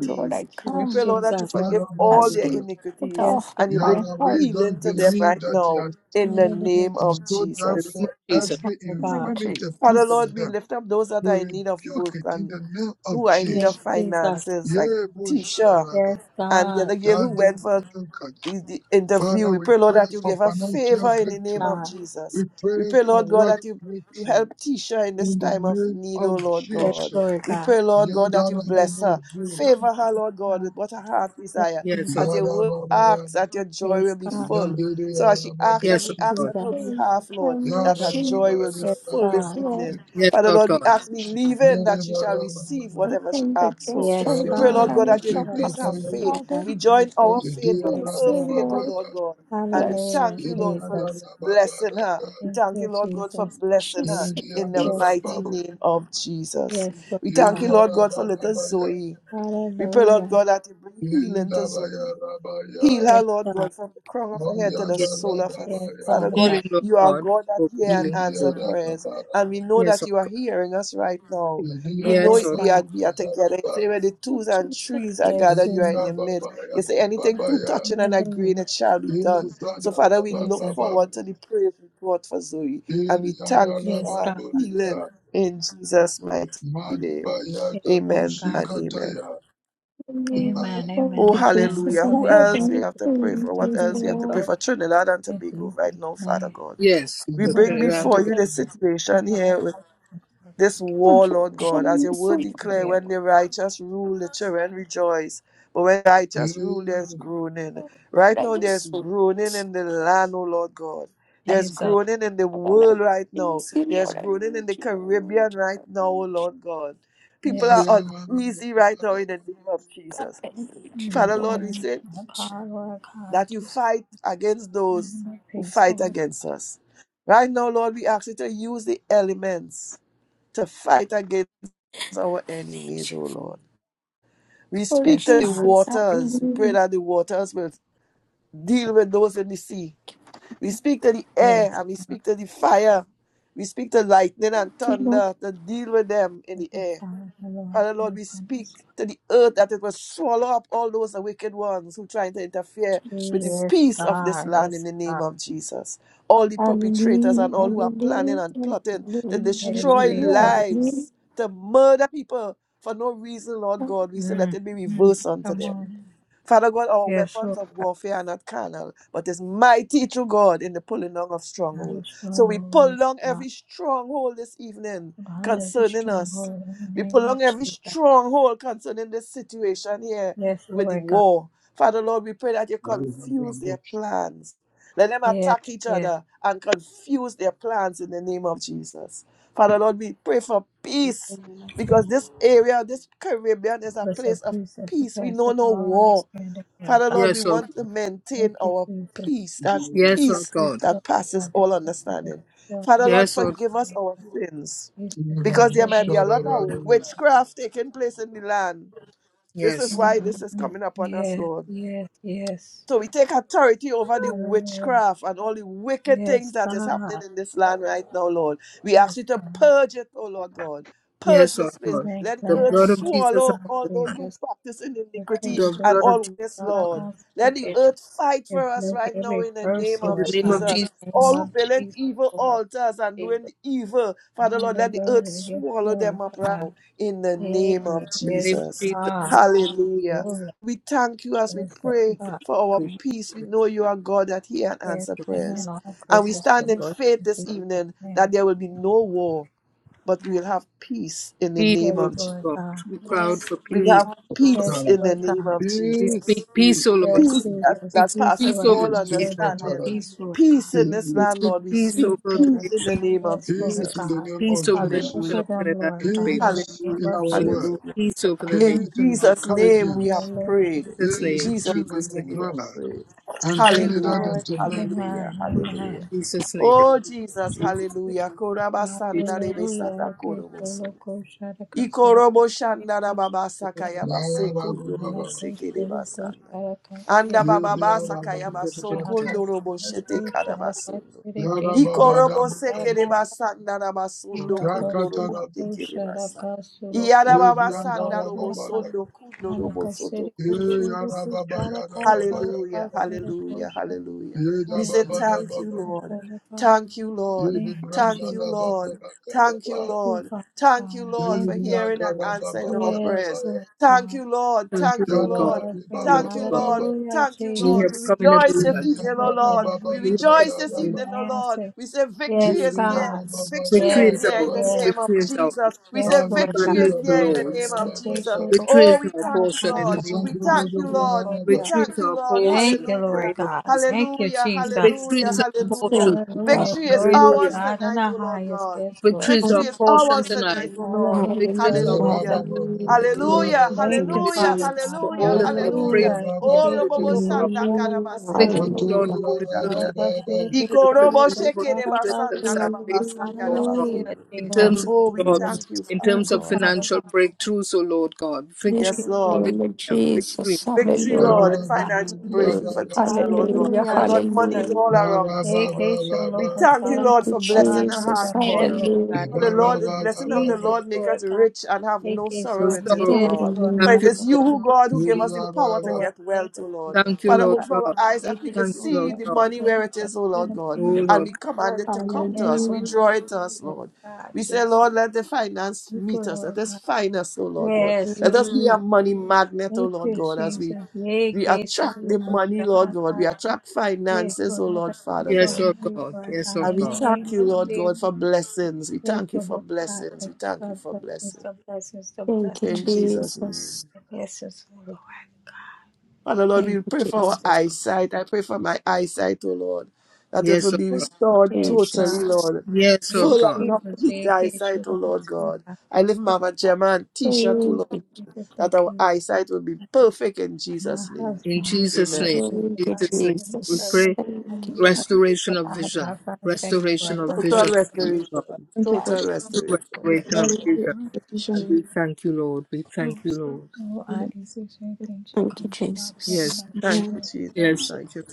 Speaker 1: Lord, I
Speaker 2: We
Speaker 4: Yes,
Speaker 2: pray,
Speaker 1: come
Speaker 2: Lord, that you
Speaker 4: Jesus.
Speaker 2: forgive all their
Speaker 1: asking
Speaker 6: sarababayara.
Speaker 1: with
Speaker 2: iniquities
Speaker 4: Yes,
Speaker 1: all
Speaker 2: and you
Speaker 4: God.
Speaker 2: bring
Speaker 1: my
Speaker 6: Yara,
Speaker 1: heart,
Speaker 6: we
Speaker 2: healing
Speaker 6: don't
Speaker 2: to them
Speaker 6: believe
Speaker 2: right
Speaker 6: that he
Speaker 2: now
Speaker 6: has,
Speaker 2: in the
Speaker 4: Hallelujah.
Speaker 2: name
Speaker 6: and
Speaker 2: of
Speaker 6: so
Speaker 2: Jesus.
Speaker 3: of
Speaker 6: therefore
Speaker 3: Jesus.
Speaker 4: Yes,
Speaker 6: every
Speaker 4: Father
Speaker 1: my
Speaker 4: God.
Speaker 6: infirmity put
Speaker 2: Father,
Speaker 1: Jesus.
Speaker 6: on
Speaker 2: Lord, we
Speaker 6: them,
Speaker 2: lift up those that
Speaker 6: we
Speaker 2: are in need of
Speaker 6: rebuke
Speaker 2: work
Speaker 6: it in
Speaker 2: and
Speaker 6: the name of
Speaker 2: who are in need
Speaker 4: Yes,
Speaker 2: of
Speaker 6: Jesus.
Speaker 4: Jesus.
Speaker 2: finances, like
Speaker 6: Yebo
Speaker 2: teacher.
Speaker 6: sharaba,
Speaker 4: Yes,
Speaker 2: And the
Speaker 4: God.
Speaker 2: other girl who went for
Speaker 6: dadabadokada.
Speaker 2: the, the interview,
Speaker 6: Father,
Speaker 2: we
Speaker 6: we
Speaker 2: pray, Lord,
Speaker 6: pray
Speaker 2: that you
Speaker 6: for
Speaker 2: give her
Speaker 6: financial
Speaker 2: favor
Speaker 4: Yes,
Speaker 2: in
Speaker 4: Lord
Speaker 2: the
Speaker 6: breakthrough
Speaker 2: name of
Speaker 4: God.
Speaker 6: We
Speaker 2: Jesus. We
Speaker 6: pray
Speaker 2: pray,
Speaker 6: for
Speaker 2: Lord God,
Speaker 6: work
Speaker 2: that you, you
Speaker 6: breakthrough
Speaker 2: help Tisha in this
Speaker 6: in the
Speaker 2: time of
Speaker 6: name
Speaker 2: need,
Speaker 6: of
Speaker 2: oh Lord
Speaker 4: Yes,
Speaker 2: God.
Speaker 6: Jesus.
Speaker 4: Lord
Speaker 2: We
Speaker 4: God.
Speaker 2: pray, Lord God, that you bless her.
Speaker 6: Yadarababazu,
Speaker 2: Favor her, Lord
Speaker 4: Yes,
Speaker 2: God,
Speaker 4: God.
Speaker 2: with what her heart
Speaker 4: Yes,
Speaker 2: desire.
Speaker 3: Yes,
Speaker 4: Jesus.
Speaker 2: As your word
Speaker 6: yadababa,
Speaker 2: asks, that your joy will
Speaker 4: Yes,
Speaker 2: be
Speaker 4: God.
Speaker 2: full. So as she asks, and
Speaker 4: Yes,
Speaker 2: we
Speaker 6: yadadiyarababusu,
Speaker 2: ask
Speaker 3: Lord.
Speaker 2: on her
Speaker 4: Jesus.
Speaker 1: Save
Speaker 2: behalf,
Speaker 1: my
Speaker 2: Lord, that her
Speaker 6: yadababa,
Speaker 2: joy will be
Speaker 1: nations,
Speaker 4: Yes,
Speaker 2: full this
Speaker 4: God.
Speaker 1: Lord,
Speaker 2: evening.
Speaker 6: yadababusu,
Speaker 3: Yes,
Speaker 2: Father,
Speaker 3: Lord God. Yes, Lord
Speaker 2: Lord, we
Speaker 3: God.
Speaker 2: ask, believing that she shall receive whatever she
Speaker 1: everything that
Speaker 2: asks for.
Speaker 1: goes
Speaker 4: Yes,
Speaker 1: through
Speaker 2: We pray,
Speaker 1: him,
Speaker 2: Lord
Speaker 4: God.
Speaker 1: and
Speaker 2: God,
Speaker 1: we
Speaker 4: Thank
Speaker 2: that you
Speaker 4: you,
Speaker 1: shall
Speaker 4: Lord.
Speaker 2: increase
Speaker 1: pass.
Speaker 2: her
Speaker 4: Thank
Speaker 6: yarababusikataya,
Speaker 4: you,
Speaker 2: faith.
Speaker 4: Lord
Speaker 1: Father,
Speaker 4: God.
Speaker 2: We join our faith
Speaker 4: Thank
Speaker 2: with
Speaker 4: you,
Speaker 1: bless
Speaker 2: her
Speaker 1: you,
Speaker 4: Lord
Speaker 2: faith,
Speaker 4: God.
Speaker 2: oh
Speaker 1: Lord,
Speaker 6: yadiyarabababaya,
Speaker 2: Lord God. And we
Speaker 1: bless you,
Speaker 4: Hallelujah,
Speaker 2: thank you, Lord, for
Speaker 4: Jesus.
Speaker 2: blessing her.
Speaker 6: yadiyadarababaraka,
Speaker 2: We
Speaker 4: Thank
Speaker 2: thank you,
Speaker 4: you,
Speaker 2: Lord God, for
Speaker 4: Jesus.
Speaker 2: blessing her
Speaker 1: Jesus.
Speaker 2: in the
Speaker 1: Give
Speaker 4: Yes,
Speaker 1: us,
Speaker 6: yadiyadarababa,
Speaker 2: mighty
Speaker 4: Father.
Speaker 2: name of Jesus.
Speaker 4: Yes, Lord
Speaker 2: We thank you,
Speaker 4: God.
Speaker 2: Lord God, for little
Speaker 6: yadiyadarababaya,
Speaker 2: Zoe. We pray, Lord
Speaker 4: Hallelujah.
Speaker 2: God, that you bring healing to Zoe.
Speaker 6: yadidabayarabaya.
Speaker 2: Heal her,
Speaker 4: Yes,
Speaker 2: Lord
Speaker 4: God.
Speaker 2: God, from the crown of her head to the
Speaker 6: Moyanda
Speaker 3: Yes,
Speaker 2: sole of
Speaker 6: Rabba
Speaker 2: her
Speaker 4: Yes,
Speaker 2: feet. Father
Speaker 4: Father
Speaker 6: Bayada,
Speaker 2: God,
Speaker 4: God.
Speaker 3: healing, Lord
Speaker 2: you are
Speaker 3: God.
Speaker 2: God that
Speaker 3: For
Speaker 2: hear and
Speaker 3: healing.
Speaker 2: answer
Speaker 6: idia Rabba
Speaker 2: prayers. And
Speaker 6: Baraba,
Speaker 2: we know
Speaker 3: Yes,
Speaker 2: that
Speaker 3: Lord
Speaker 2: you are
Speaker 3: God.
Speaker 2: hearing us right now. We
Speaker 6: idia
Speaker 2: know
Speaker 3: Yes,
Speaker 4: Yes,
Speaker 3: Lord
Speaker 6: Rabba
Speaker 2: we
Speaker 3: God.
Speaker 2: are,
Speaker 4: God.
Speaker 2: we are together. You
Speaker 6: Busadaba,
Speaker 2: say where the twos and
Speaker 1: Jesus,
Speaker 2: threes are
Speaker 4: Yes,
Speaker 2: gathered, you are in
Speaker 4: Jesus.
Speaker 6: ina
Speaker 2: the midst.
Speaker 6: babaya
Speaker 2: You say anything too
Speaker 6: Rababaya,
Speaker 2: touching and agreeing,
Speaker 4: Hallelujah.
Speaker 2: it shall be done.
Speaker 6: Isada
Speaker 2: So, Father, we look
Speaker 6: Rabba
Speaker 4: Jesus.
Speaker 2: forward
Speaker 6: babu,
Speaker 2: to the praise report for Zoe. And we thank
Speaker 6: Iriada
Speaker 2: you for
Speaker 4: Yes,
Speaker 6: Rabba
Speaker 2: her
Speaker 4: God.
Speaker 2: healing
Speaker 6: Budia,
Speaker 2: in Jesus' mighty
Speaker 6: Madi
Speaker 2: name.
Speaker 4: Yes,
Speaker 6: Bayaka
Speaker 4: Lord
Speaker 2: Amen
Speaker 4: God.
Speaker 2: and amen.
Speaker 6: Bushikataya,
Speaker 1: hallelujah.
Speaker 4: Amen.
Speaker 6: Imadi,
Speaker 1: Thank
Speaker 4: Amen.
Speaker 2: Oh,
Speaker 1: you,
Speaker 4: Amen. We
Speaker 1: Jesus,
Speaker 2: hallelujah.
Speaker 1: and
Speaker 2: Who
Speaker 4: command
Speaker 2: else
Speaker 4: all
Speaker 2: we
Speaker 1: heavenly,
Speaker 2: have to pray
Speaker 4: spirit
Speaker 1: thank
Speaker 2: for?
Speaker 4: of
Speaker 1: you,
Speaker 2: What else
Speaker 4: infirmity
Speaker 2: we have
Speaker 4: to
Speaker 2: to
Speaker 1: Lord.
Speaker 2: pray
Speaker 4: go
Speaker 2: for? Trinidad and
Speaker 4: in
Speaker 2: Tobago right
Speaker 4: Jesus'
Speaker 2: now, Father
Speaker 4: name.
Speaker 2: God.
Speaker 3: Yes.
Speaker 2: We
Speaker 1: So
Speaker 2: bring
Speaker 4: Hallelujah.
Speaker 2: before
Speaker 4: Father.
Speaker 2: you the
Speaker 4: And
Speaker 2: situation here
Speaker 4: all
Speaker 2: with
Speaker 4: power and Lord
Speaker 2: this
Speaker 4: God.
Speaker 2: war, Lord
Speaker 4: Thank
Speaker 2: God, as
Speaker 1: Jerusalem
Speaker 2: your
Speaker 1: is so
Speaker 2: word
Speaker 4: you,
Speaker 2: declare,
Speaker 4: Lord.
Speaker 1: young.
Speaker 2: when the righteous rule, the children rejoice. But when the righteous rule, there's
Speaker 6: Iriada
Speaker 2: groaning.
Speaker 1: Oh Lord,
Speaker 2: Right
Speaker 1: I
Speaker 2: now, there's
Speaker 1: just see
Speaker 2: groaning
Speaker 1: this
Speaker 2: in the land, oh Lord God.
Speaker 1: stuff.
Speaker 2: There's
Speaker 4: Jesus.
Speaker 2: groaning in the
Speaker 1: I don't
Speaker 2: world
Speaker 1: know.
Speaker 2: right
Speaker 1: I need
Speaker 2: now.
Speaker 1: you,
Speaker 2: There's
Speaker 1: Lord. I
Speaker 2: groaning in the
Speaker 1: need you. I
Speaker 2: Caribbean
Speaker 1: need you.
Speaker 2: right
Speaker 1: I
Speaker 2: now, oh
Speaker 1: need you.
Speaker 2: Lord God. People
Speaker 4: Yes,
Speaker 2: are
Speaker 4: God.
Speaker 6: Rabba,
Speaker 2: uneasy right now
Speaker 6: Iriada
Speaker 2: in
Speaker 6: Rabba,
Speaker 2: the name of
Speaker 1: God,
Speaker 2: Jesus.
Speaker 1: I need you,
Speaker 2: Father Lord,
Speaker 1: Lord.
Speaker 2: we
Speaker 1: I
Speaker 4: Mm-mm.
Speaker 2: say
Speaker 1: need
Speaker 4: Lord
Speaker 1: you.
Speaker 4: God, Lord
Speaker 2: that
Speaker 4: God,
Speaker 2: you
Speaker 4: Jesus.
Speaker 2: fight against
Speaker 4: Give
Speaker 2: those
Speaker 4: me
Speaker 2: who
Speaker 4: Peace,
Speaker 2: fight
Speaker 4: Lord.
Speaker 2: against us. Right now, Lord, we ask you to use the elements to fight against our
Speaker 1: I need
Speaker 2: enemies,
Speaker 1: you.
Speaker 2: oh Lord. We
Speaker 1: Lord
Speaker 2: speak
Speaker 4: Yes,
Speaker 2: to the
Speaker 4: God.
Speaker 1: Jesus,
Speaker 2: waters. We pray
Speaker 1: hallelujah.
Speaker 2: that the waters will deal with those in the sea. We speak to the air
Speaker 4: Yes. Yes,
Speaker 2: and we
Speaker 4: God.
Speaker 2: speak to the fire. We speak to lightning and
Speaker 1: Thank you, Lord
Speaker 2: thunder to deal with them in the
Speaker 4: The
Speaker 2: air.
Speaker 4: Father, the Lord
Speaker 2: Father Lord,
Speaker 4: will
Speaker 2: we
Speaker 4: open
Speaker 2: speak
Speaker 4: us.
Speaker 2: to the earth that it will swallow up all those wicked ones who trying to interfere with the
Speaker 1: Jesus.
Speaker 4: Yes,
Speaker 2: peace of this
Speaker 4: God.
Speaker 2: land in
Speaker 4: Yes,
Speaker 2: the name
Speaker 4: God.
Speaker 2: of Jesus. All the perpetrators
Speaker 4: Yes,
Speaker 1: Hallelujah,
Speaker 2: and all who
Speaker 4: God.
Speaker 2: are planning
Speaker 1: hallelujah,
Speaker 2: and plotting to
Speaker 1: hallelujah,
Speaker 4: Yes,
Speaker 2: destroy
Speaker 1: hallelujah,
Speaker 4: Jesus.
Speaker 2: lives,
Speaker 1: hallelujah.
Speaker 2: to murder people for no reason, Lord God. We say let
Speaker 4: Mm.
Speaker 2: it be
Speaker 4: Mm.
Speaker 2: reversed unto
Speaker 4: Come
Speaker 2: them.
Speaker 4: on.
Speaker 2: Father God, our
Speaker 4: Yes,
Speaker 2: weapons
Speaker 4: Lord
Speaker 2: of
Speaker 4: God.
Speaker 2: warfare are not carnal, but is mighty through God in the pulling down of
Speaker 4: Not
Speaker 2: stronghold.
Speaker 4: a
Speaker 2: So we
Speaker 4: stronghold.
Speaker 2: pull
Speaker 4: Yes,
Speaker 2: down
Speaker 4: God.
Speaker 2: every stronghold this evening
Speaker 4: God, every
Speaker 2: concerning us.
Speaker 4: stronghold in the
Speaker 2: We
Speaker 4: name
Speaker 2: pull
Speaker 4: of
Speaker 2: down every
Speaker 4: Jesus.
Speaker 2: stronghold concerning this situation here
Speaker 4: Yes,
Speaker 2: with the
Speaker 4: Lord God.
Speaker 2: war. Father Lord, we pray that you confuse their plans. Let them
Speaker 4: Yes,
Speaker 2: attack each
Speaker 4: yes.
Speaker 2: other and confuse their plans in the name of Jesus. Father Lord, we pray for peace because this area, this Caribbean, is a
Speaker 4: With a
Speaker 2: place of
Speaker 4: peace that
Speaker 2: peace. We know
Speaker 4: surpasses
Speaker 2: no
Speaker 4: all
Speaker 2: war.
Speaker 4: understanding, Lord
Speaker 2: Father Lord,
Speaker 4: God.
Speaker 2: we
Speaker 3: Yes, Lord God.
Speaker 2: want to
Speaker 4: Thank
Speaker 2: maintain
Speaker 4: you,
Speaker 2: our
Speaker 4: Jesus.
Speaker 2: peace, that
Speaker 3: Yes, Lord
Speaker 2: peace
Speaker 4: Yes,
Speaker 3: God.
Speaker 2: that
Speaker 4: Lord
Speaker 2: passes
Speaker 4: God. That
Speaker 2: all
Speaker 4: passes
Speaker 2: understanding.
Speaker 4: all
Speaker 2: Father Lord,
Speaker 3: Yes, Lord.
Speaker 2: forgive us
Speaker 4: understanding.
Speaker 2: our sins
Speaker 4: Yes, yes, our
Speaker 2: because there may be
Speaker 4: children's
Speaker 2: a lot
Speaker 4: bread.
Speaker 2: of witchcraft taking place in the land. This is
Speaker 3: Yes.
Speaker 4: Mm,
Speaker 2: why
Speaker 4: mm,
Speaker 2: this is
Speaker 4: mm.
Speaker 2: coming upon us,
Speaker 4: Yes,
Speaker 2: Lord.
Speaker 4: yes, yes.
Speaker 2: So we take authority over the
Speaker 4: Hallelujah.
Speaker 2: witchcraft and all the wicked things
Speaker 4: Yes,
Speaker 2: that is happening
Speaker 4: God.
Speaker 2: in this land right now, Lord. We ask you
Speaker 4: Yes,
Speaker 2: to
Speaker 4: God.
Speaker 2: purge it, oh Lord God. Purge
Speaker 3: Yes, Lord
Speaker 2: this place.
Speaker 3: God.
Speaker 4: Everything
Speaker 2: Let the
Speaker 3: The
Speaker 4: plans
Speaker 2: earth
Speaker 4: of
Speaker 3: blood of
Speaker 4: the
Speaker 3: Jesus
Speaker 2: swallow
Speaker 4: God,
Speaker 3: upon
Speaker 2: all
Speaker 3: the
Speaker 2: those
Speaker 3: man.
Speaker 2: who
Speaker 4: Jesus.
Speaker 2: practice in
Speaker 4: Okay,
Speaker 2: iniquity
Speaker 3: The
Speaker 4: show
Speaker 2: and
Speaker 3: blood
Speaker 4: up.
Speaker 3: of
Speaker 2: all
Speaker 3: Jesus
Speaker 2: this,
Speaker 4: God, I
Speaker 2: Lord.
Speaker 3: upon
Speaker 4: come to the
Speaker 2: Let the
Speaker 3: the man.
Speaker 4: case.
Speaker 2: earth fight
Speaker 4: If
Speaker 2: for us
Speaker 4: look
Speaker 2: right now
Speaker 4: every
Speaker 2: in the
Speaker 4: curse,
Speaker 2: name
Speaker 3: In
Speaker 2: of
Speaker 3: the
Speaker 4: Lord
Speaker 3: name
Speaker 4: God,
Speaker 3: of
Speaker 4: in
Speaker 2: Jesus.
Speaker 3: Jesus.
Speaker 4: the name
Speaker 2: All
Speaker 4: of
Speaker 2: who building
Speaker 4: Jesus,
Speaker 2: evil
Speaker 4: Lord
Speaker 2: altars and doing
Speaker 4: Jesus.
Speaker 2: evil, Father Lord, let the earth
Speaker 4: Hallelujah. Yes,
Speaker 2: swallow them
Speaker 4: Lord
Speaker 2: up right
Speaker 4: God.
Speaker 2: now in the
Speaker 4: Hey,
Speaker 2: name of
Speaker 3: In the name
Speaker 4: yes,
Speaker 3: of
Speaker 2: Jesus.
Speaker 3: Jesus.
Speaker 4: God.
Speaker 2: Hallelujah.
Speaker 4: Hallelujah.
Speaker 2: We thank you as we
Speaker 4: Yes,
Speaker 2: pray
Speaker 3: we
Speaker 4: God.
Speaker 2: for
Speaker 3: pray
Speaker 2: our peace. We know you are God that hear and
Speaker 4: Yes,
Speaker 2: answer
Speaker 3: for
Speaker 4: amen.
Speaker 2: prayers.
Speaker 4: All
Speaker 2: And we
Speaker 7: Yes,
Speaker 4: praises to
Speaker 2: stand in
Speaker 4: broken
Speaker 2: faith this
Speaker 4: Jesus.
Speaker 2: evening that
Speaker 4: Amen.
Speaker 2: there will be no war, but we will have peace in the
Speaker 3: Peace,
Speaker 2: name
Speaker 3: O
Speaker 4: Yes,
Speaker 3: Lord
Speaker 2: of Jesus.
Speaker 4: Lord
Speaker 3: God.
Speaker 4: God,
Speaker 3: We cry out
Speaker 4: peace.
Speaker 3: for
Speaker 2: We
Speaker 3: peace,
Speaker 7: yes.
Speaker 2: have
Speaker 3: Lord God.
Speaker 2: peace
Speaker 4: Yes,
Speaker 2: in the
Speaker 4: Lord
Speaker 2: name
Speaker 4: God.
Speaker 2: of
Speaker 3: We
Speaker 6: Peace,
Speaker 2: Jesus.
Speaker 3: speak peace, O
Speaker 6: peace,
Speaker 3: Lord
Speaker 6: peace,
Speaker 4: Yes,
Speaker 3: God.
Speaker 2: Peace
Speaker 6: peace.
Speaker 3: We
Speaker 2: that,
Speaker 4: Jesus,
Speaker 3: speak
Speaker 2: that
Speaker 4: peace,
Speaker 2: passeth
Speaker 3: peace
Speaker 4: Lord
Speaker 3: over
Speaker 2: all
Speaker 4: God.
Speaker 6: Yes,
Speaker 3: the nation.
Speaker 4: Give them a
Speaker 2: understanding.
Speaker 4: peace, Lord God.
Speaker 2: Peace in this
Speaker 3: We
Speaker 2: land,
Speaker 3: speak
Speaker 2: Lord. We
Speaker 3: peace
Speaker 2: speak
Speaker 4: Peace,
Speaker 3: over
Speaker 4: Lord
Speaker 3: the
Speaker 2: peace in
Speaker 3: nation.
Speaker 2: the
Speaker 4: God.
Speaker 2: name of
Speaker 4: Yes,
Speaker 3: We
Speaker 6: Peace
Speaker 4: Lord
Speaker 2: Jesus.
Speaker 6: in
Speaker 3: speak
Speaker 6: the
Speaker 4: God.
Speaker 6: name
Speaker 3: peace
Speaker 6: of
Speaker 3: over the
Speaker 6: Jesus.
Speaker 3: nation
Speaker 2: Hallelujah.
Speaker 4: Deliver
Speaker 3: of
Speaker 4: them,
Speaker 3: Trinidad
Speaker 4: Lord
Speaker 3: and
Speaker 4: God,
Speaker 3: Tobago.
Speaker 4: in the
Speaker 6: Peace
Speaker 2: Hallelujah.
Speaker 4: name
Speaker 6: in
Speaker 4: of
Speaker 6: our
Speaker 3: We speak
Speaker 4: Jesus,
Speaker 2: Hallelujah.
Speaker 6: world.
Speaker 3: peace
Speaker 4: Father
Speaker 3: over the
Speaker 4: God.
Speaker 3: nation.
Speaker 2: In
Speaker 6: Peace in the
Speaker 2: Jesus' name we have
Speaker 6: Caribbeans.
Speaker 4: Hallelujah.
Speaker 2: prayed.
Speaker 6: Yeah,
Speaker 3: Jesus'
Speaker 2: In
Speaker 3: name.
Speaker 2: Jesus'
Speaker 6: between
Speaker 3: Jesus'
Speaker 2: name we
Speaker 3: name.
Speaker 2: have
Speaker 6: Venezuela
Speaker 2: prayed.
Speaker 6: and
Speaker 2: Hallelujah.
Speaker 6: Trinidad
Speaker 4: Amen.
Speaker 6: and Tobago.
Speaker 4: Amen.
Speaker 2: Hallelujah. Hallelujah.
Speaker 4: Amen.
Speaker 3: Jesus' name.
Speaker 2: Oh Jesus,
Speaker 3: Jesus' name.
Speaker 2: hallelujah.
Speaker 3: Jesus.
Speaker 2: Korabasanda rebe
Speaker 4: Hallelujah. Keshe
Speaker 2: koroboso.
Speaker 4: loko shara keshe
Speaker 2: Ikorobo shandara baba
Speaker 4: loko.
Speaker 2: sakaya
Speaker 6: Ya ya
Speaker 2: base
Speaker 6: ra ba ba ba
Speaker 2: kundorobo
Speaker 6: ba.
Speaker 2: sekere
Speaker 4: Alakoshele
Speaker 2: basanda.
Speaker 4: koshara kashe,
Speaker 2: Anda
Speaker 6: Ye
Speaker 2: baba
Speaker 6: li ya
Speaker 2: basa
Speaker 6: ra ba
Speaker 2: kaya
Speaker 6: ba.
Speaker 2: baso
Speaker 6: Shata.
Speaker 2: kundorobo
Speaker 4: alakashele
Speaker 2: shete
Speaker 4: koshara
Speaker 2: karabasundo.
Speaker 4: kashe
Speaker 6: Ya ra ba
Speaker 4: keso,
Speaker 6: ba da
Speaker 2: Ikorobo
Speaker 6: bu ka da.
Speaker 2: sekere
Speaker 4: alakasha,
Speaker 2: basanda rabasundo
Speaker 6: Ya ka ta
Speaker 2: kundorobo
Speaker 4: alakoshele
Speaker 6: ra ba.
Speaker 2: sekere
Speaker 4: koshara
Speaker 2: basa.
Speaker 4: kasolo
Speaker 2: Iyara
Speaker 6: Ye li
Speaker 2: baba
Speaker 6: ya
Speaker 4: koshara
Speaker 6: nda
Speaker 2: sanda
Speaker 6: ra ba
Speaker 2: robo
Speaker 6: ba
Speaker 4: kasarama,
Speaker 6: da.
Speaker 2: sondo kundorobo soto
Speaker 4: alakashele
Speaker 6: Ye ya
Speaker 4: koshele
Speaker 2: kundorobo.
Speaker 6: ra ba ba
Speaker 4: koshara
Speaker 6: ya ra ba ba
Speaker 4: kasara
Speaker 6: ya ra
Speaker 2: Hallelujah,
Speaker 6: ba ba.
Speaker 4: kashere
Speaker 2: hallelujah,
Speaker 4: kosha,
Speaker 2: hallelujah.
Speaker 6: Ye
Speaker 2: We
Speaker 6: da ba
Speaker 2: say,
Speaker 6: ba da
Speaker 4: alakashele
Speaker 2: Thank
Speaker 6: ba
Speaker 2: you,
Speaker 6: ba.
Speaker 2: Lord.
Speaker 4: koshara ka.
Speaker 2: Thank you,
Speaker 6: Ye
Speaker 2: Lord.
Speaker 6: di
Speaker 4: Thank you,
Speaker 6: branda
Speaker 2: Thank you,
Speaker 6: da ba
Speaker 4: Jesus.
Speaker 6: ba
Speaker 2: Lord.
Speaker 6: da ka da
Speaker 2: Thank
Speaker 6: ba.
Speaker 2: you,
Speaker 4: Thank you,
Speaker 2: Lord.
Speaker 4: Father
Speaker 2: Thank you,
Speaker 4: God.
Speaker 2: Lord,
Speaker 6: Hallelujah.
Speaker 4: Thank
Speaker 2: for
Speaker 4: you.
Speaker 2: hearing and answering our
Speaker 4: Yes,
Speaker 2: prayers.
Speaker 4: Lord
Speaker 2: Thank
Speaker 4: God.
Speaker 2: you, Lord.
Speaker 3: Thank you,
Speaker 2: Thank
Speaker 4: Yes,
Speaker 2: you,
Speaker 3: Lord God.
Speaker 2: Lord.
Speaker 4: Lord God.
Speaker 3: Thank you, Lord
Speaker 2: Thank you,
Speaker 3: God.
Speaker 2: Lord.
Speaker 4: Hallelujah,
Speaker 2: Thank you,
Speaker 3: We
Speaker 2: Lord.
Speaker 4: Jesus.
Speaker 2: We
Speaker 3: have
Speaker 1: Jesus,
Speaker 3: come in
Speaker 2: rejoice this
Speaker 3: agreement.
Speaker 2: evening, O Lord. We
Speaker 3: We have come in
Speaker 2: rejoice this
Speaker 3: agreement.
Speaker 2: evening, O
Speaker 4: Yes,
Speaker 2: Lord. We say, Victory
Speaker 4: yes,
Speaker 2: is
Speaker 1: Jesus,
Speaker 2: near.
Speaker 4: God.
Speaker 1: Jesus,
Speaker 2: Victory is
Speaker 3: Victory
Speaker 4: Yes,
Speaker 3: is
Speaker 2: near in the
Speaker 3: ours.
Speaker 4: yes,
Speaker 2: name of
Speaker 3: Victory is ours.
Speaker 2: Jesus.
Speaker 3: The
Speaker 2: We say
Speaker 4: yes, Lord God.
Speaker 2: victory
Speaker 3: battle
Speaker 2: is
Speaker 3: is the
Speaker 2: near in the name
Speaker 3: Lord's.
Speaker 2: of
Speaker 4: Thank you,
Speaker 2: Jesus.
Speaker 4: Shulo.
Speaker 3: Victory
Speaker 2: Oh,
Speaker 3: is
Speaker 2: we
Speaker 3: our
Speaker 2: thank you,
Speaker 3: portion in the
Speaker 2: Lord.
Speaker 3: name
Speaker 2: We
Speaker 3: of Jesus.
Speaker 2: thank you, Lord. We
Speaker 3: Victory
Speaker 2: thank
Speaker 3: is
Speaker 2: you,
Speaker 3: our
Speaker 2: Lord.
Speaker 4: Thank
Speaker 3: portion in
Speaker 4: you,
Speaker 3: the
Speaker 2: Hallelujah.
Speaker 4: Lord
Speaker 3: name of
Speaker 4: God.
Speaker 3: Jesus.
Speaker 4: Thank you,
Speaker 2: Hallelujah.
Speaker 1: Thank
Speaker 4: Jesus.
Speaker 3: Victory
Speaker 2: Hallelujah.
Speaker 3: is
Speaker 1: you,
Speaker 3: our
Speaker 1: Jesus.
Speaker 2: Hallelujah.
Speaker 3: portion.
Speaker 1: Thank you,
Speaker 4: Hallelujah.
Speaker 1: God.
Speaker 2: Victory is
Speaker 4: Glory to
Speaker 2: ours
Speaker 3: Hallelujah.
Speaker 4: God in
Speaker 2: tonight,
Speaker 4: the
Speaker 2: O Lord
Speaker 4: highest.
Speaker 2: God.
Speaker 4: Yes, Lord
Speaker 3: Victory is
Speaker 2: Victory
Speaker 4: God.
Speaker 3: our
Speaker 1: Hallelujah,
Speaker 2: is
Speaker 3: portion
Speaker 2: ours tonight,
Speaker 3: tonight.
Speaker 2: O Lord.
Speaker 3: Victory is
Speaker 4: Hallelujah,
Speaker 3: our
Speaker 1: hallelujah,
Speaker 4: Jesus.
Speaker 2: Hallelujah.
Speaker 3: portion
Speaker 1: hallelujah.
Speaker 3: tonight in
Speaker 1: Thank
Speaker 3: the name of
Speaker 2: Hallelujah.
Speaker 3: Jesus.
Speaker 1: you,
Speaker 4: Thank you,
Speaker 2: Hallelujah.
Speaker 3: Hallelujah.
Speaker 4: Father
Speaker 1: Jesus.
Speaker 4: God.
Speaker 3: For all
Speaker 2: Hallelujah.
Speaker 3: that we have
Speaker 2: Hallelujah.
Speaker 3: prayed for,
Speaker 4: Hallelujah. Thank
Speaker 2: Oh,
Speaker 4: you,
Speaker 3: victory,
Speaker 2: Robobo
Speaker 3: Lord
Speaker 4: Shulo.
Speaker 3: God.
Speaker 2: Sanda
Speaker 1: Hallelujah,
Speaker 2: Karamasete
Speaker 3: Victory,
Speaker 2: Kundu
Speaker 3: Lord
Speaker 1: hallelujah. Hallelujah, hallelujah.
Speaker 3: God,
Speaker 2: Robo
Speaker 3: in terms
Speaker 2: Shanda.
Speaker 3: of healing,
Speaker 4: Thank
Speaker 3: in
Speaker 2: Iko
Speaker 3: terms
Speaker 2: Robo
Speaker 3: of
Speaker 4: you,
Speaker 3: deliverance,
Speaker 2: Shekere
Speaker 3: in terms of
Speaker 4: Shulo.
Speaker 2: Basanda
Speaker 3: salvation,
Speaker 2: Rababasa
Speaker 3: Lord God,
Speaker 2: Karabasu.
Speaker 4: Hallelujah,
Speaker 3: in terms
Speaker 4: Jesus.
Speaker 2: Oh, we
Speaker 3: of jobs,
Speaker 2: thank you,
Speaker 3: in
Speaker 2: Father
Speaker 4: Thank
Speaker 3: terms
Speaker 4: you,
Speaker 3: of
Speaker 2: God.
Speaker 4: Father God.
Speaker 3: financial breakthroughs, O Lord God.
Speaker 4: Thank
Speaker 1: In
Speaker 3: Victory,
Speaker 4: you,
Speaker 2: Yes,
Speaker 1: the
Speaker 2: Lord.
Speaker 4: Jesus.
Speaker 1: name
Speaker 3: victory,
Speaker 1: of
Speaker 3: victory,
Speaker 1: Jesus,
Speaker 4: Thank
Speaker 2: Victory,
Speaker 4: you,
Speaker 1: hallelujah,
Speaker 2: Lord, in
Speaker 4: Lord God.
Speaker 2: financial
Speaker 1: hallelujah,
Speaker 2: breakthrough for
Speaker 3: victory.
Speaker 2: teacher, Lord God.
Speaker 1: hallelujah,
Speaker 2: Father,
Speaker 4: Hallelujah,
Speaker 2: Lord,
Speaker 4: Jesus.
Speaker 2: money is all
Speaker 1: hallelujah.
Speaker 2: around us,
Speaker 4: Thank
Speaker 2: Lord.
Speaker 4: you,
Speaker 2: We
Speaker 4: Sholoko
Speaker 2: thank you,
Speaker 1: Thank
Speaker 2: Lord,
Speaker 4: Salaka
Speaker 1: you,
Speaker 2: for blessing
Speaker 4: Solan,
Speaker 2: her
Speaker 4: with
Speaker 1: Jesus,
Speaker 4: the
Speaker 2: heart, Lord.
Speaker 4: head, Lord
Speaker 1: hallelujah,
Speaker 4: God,
Speaker 2: For
Speaker 4: in
Speaker 2: the
Speaker 4: the name
Speaker 2: Lord, the
Speaker 4: of
Speaker 2: blessing of the
Speaker 4: Jesus,
Speaker 2: Lord make us
Speaker 4: Lord God.
Speaker 2: rich and have
Speaker 4: Thank
Speaker 2: no
Speaker 4: you,
Speaker 3: no
Speaker 2: sorrow
Speaker 4: Son.
Speaker 2: with it,
Speaker 3: sorrow.
Speaker 2: O
Speaker 4: Yes,
Speaker 2: God.
Speaker 4: Lord
Speaker 2: For
Speaker 3: Thank
Speaker 4: God.
Speaker 2: it
Speaker 3: you,
Speaker 2: is
Speaker 1: hallelujah,
Speaker 2: you,
Speaker 3: Lord.
Speaker 2: who
Speaker 4: Thank you,
Speaker 2: God, who give us
Speaker 4: Jesus,
Speaker 2: the power to
Speaker 4: Lord.
Speaker 2: get
Speaker 4: Thank
Speaker 2: wealth, O
Speaker 4: you,
Speaker 2: Lord.
Speaker 4: Jesus,
Speaker 3: Thank you,
Speaker 4: Lord
Speaker 2: Father,
Speaker 3: Lord
Speaker 1: hallelujah,
Speaker 4: God.
Speaker 2: open our
Speaker 3: God.
Speaker 1: hallelujah.
Speaker 2: eyes that
Speaker 4: Thank
Speaker 2: we
Speaker 4: you,
Speaker 2: can
Speaker 3: Thank you,
Speaker 4: Lord
Speaker 2: see
Speaker 3: Lord
Speaker 4: God.
Speaker 2: the
Speaker 3: God.
Speaker 2: money
Speaker 4: Thank
Speaker 2: where it is, O Lord
Speaker 4: you,
Speaker 2: God.
Speaker 3: Oh,
Speaker 4: Lord God.
Speaker 2: And
Speaker 3: Lord.
Speaker 2: we command
Speaker 4: Blessed
Speaker 2: it to
Speaker 4: in
Speaker 2: come
Speaker 4: the
Speaker 2: to
Speaker 4: name
Speaker 2: us. We
Speaker 4: of
Speaker 2: draw
Speaker 4: Jesus,
Speaker 2: it to us,
Speaker 4: Lord
Speaker 2: Lord.
Speaker 4: God,
Speaker 2: We say,
Speaker 4: Jesus.
Speaker 2: Lord, let the finance
Speaker 4: Thank you,
Speaker 2: meet us. Let
Speaker 4: Lord
Speaker 2: us
Speaker 4: God.
Speaker 2: find us, O Lord God.
Speaker 4: Yes,
Speaker 2: Let
Speaker 4: Lord
Speaker 2: us be a
Speaker 4: God.
Speaker 2: money magnet, O
Speaker 4: Thank
Speaker 2: Lord
Speaker 4: you,
Speaker 2: God, as we
Speaker 4: Jesus. Yea,
Speaker 2: we
Speaker 4: case of
Speaker 2: attract the money,
Speaker 4: God,
Speaker 2: Lord God. We attract
Speaker 4: Yes,
Speaker 2: finances,
Speaker 4: Lord,
Speaker 2: O
Speaker 4: I
Speaker 2: Lord,
Speaker 4: thank you
Speaker 2: Father
Speaker 4: for
Speaker 3: Yes,
Speaker 2: God.
Speaker 4: my
Speaker 3: Lord God.
Speaker 4: Lord
Speaker 3: Yes,
Speaker 4: God.
Speaker 2: And
Speaker 3: Lord
Speaker 4: In
Speaker 2: we
Speaker 4: the
Speaker 3: God.
Speaker 2: thank
Speaker 4: name
Speaker 2: you,
Speaker 4: of
Speaker 2: Lord
Speaker 4: Jesus,
Speaker 2: God, for blessings. We
Speaker 4: thank
Speaker 2: thank you
Speaker 4: you,
Speaker 2: for
Speaker 4: Lord God.
Speaker 2: blessings.
Speaker 4: Thank you
Speaker 2: We thank you
Speaker 4: for
Speaker 2: for
Speaker 4: blessings,
Speaker 2: blessings.
Speaker 4: the blessings, the
Speaker 1: Thank you,
Speaker 2: In
Speaker 4: blessings.
Speaker 2: Jesus' name.
Speaker 1: Jesus.
Speaker 4: The blessings, oh Lord God.
Speaker 2: Father, Lord,
Speaker 4: Thank
Speaker 2: we
Speaker 1: Thank you,
Speaker 2: pray for
Speaker 4: you,
Speaker 2: our
Speaker 4: Jesus.
Speaker 1: Jesus.
Speaker 2: eyesight. I pray for my eyesight, oh Lord, that it will
Speaker 3: Yes, Lord
Speaker 2: be
Speaker 1: Thank
Speaker 3: God.
Speaker 2: restored
Speaker 4: Yes,
Speaker 1: you,
Speaker 2: totally,
Speaker 4: God.
Speaker 1: Jesus.
Speaker 2: Lord.
Speaker 3: Yes,
Speaker 4: Thank
Speaker 3: Lord
Speaker 4: you,
Speaker 2: Full
Speaker 3: God.
Speaker 2: and
Speaker 1: Thank
Speaker 4: Jesus.
Speaker 2: complete
Speaker 4: Yea, case
Speaker 2: eyesight,
Speaker 4: of
Speaker 2: oh Lord God. I lift Mama Gemma and Tisha, too,
Speaker 1: you,
Speaker 2: Lord, that our
Speaker 4: God. Thank you,
Speaker 2: eyesight will be
Speaker 4: Lord God.
Speaker 2: perfect in
Speaker 4: My
Speaker 2: Jesus' name.
Speaker 3: In
Speaker 4: husband, Lord
Speaker 3: Jesus'
Speaker 2: Amen.
Speaker 4: God,
Speaker 3: name,
Speaker 4: is the
Speaker 1: thank
Speaker 3: in
Speaker 1: you,
Speaker 4: vice
Speaker 3: Jesus' name, we
Speaker 1: Jesus.
Speaker 3: pray
Speaker 4: circle, Lord God
Speaker 1: Thank you,
Speaker 5: Amen.
Speaker 4: Jesus,
Speaker 3: restoration
Speaker 4: that I
Speaker 3: of
Speaker 4: have
Speaker 3: vision,
Speaker 4: our father sex for our
Speaker 3: restoration of
Speaker 2: Total
Speaker 5: I
Speaker 3: vision,
Speaker 4: corporation and
Speaker 2: restoration.
Speaker 4: this
Speaker 3: Lord,
Speaker 4: for
Speaker 5: thank you
Speaker 4: God.
Speaker 5: for
Speaker 2: Total
Speaker 5: the,
Speaker 2: restoration.
Speaker 5: the
Speaker 3: restoration of
Speaker 5: clarity,
Speaker 3: vision.
Speaker 5: precision,
Speaker 3: And
Speaker 5: and
Speaker 3: we thank you, Lord. We thank you,
Speaker 4: Oops.
Speaker 3: Lord.
Speaker 4: No IDC
Speaker 5: healing.
Speaker 4: or anything shall
Speaker 1: thank you,
Speaker 4: come from my
Speaker 3: Yes,
Speaker 4: children
Speaker 1: Jesus.
Speaker 4: and
Speaker 5: Amen.
Speaker 2: Thank
Speaker 4: I
Speaker 2: you,
Speaker 4: am
Speaker 2: Jesus.
Speaker 3: yes.
Speaker 4: worship.
Speaker 2: Thank you.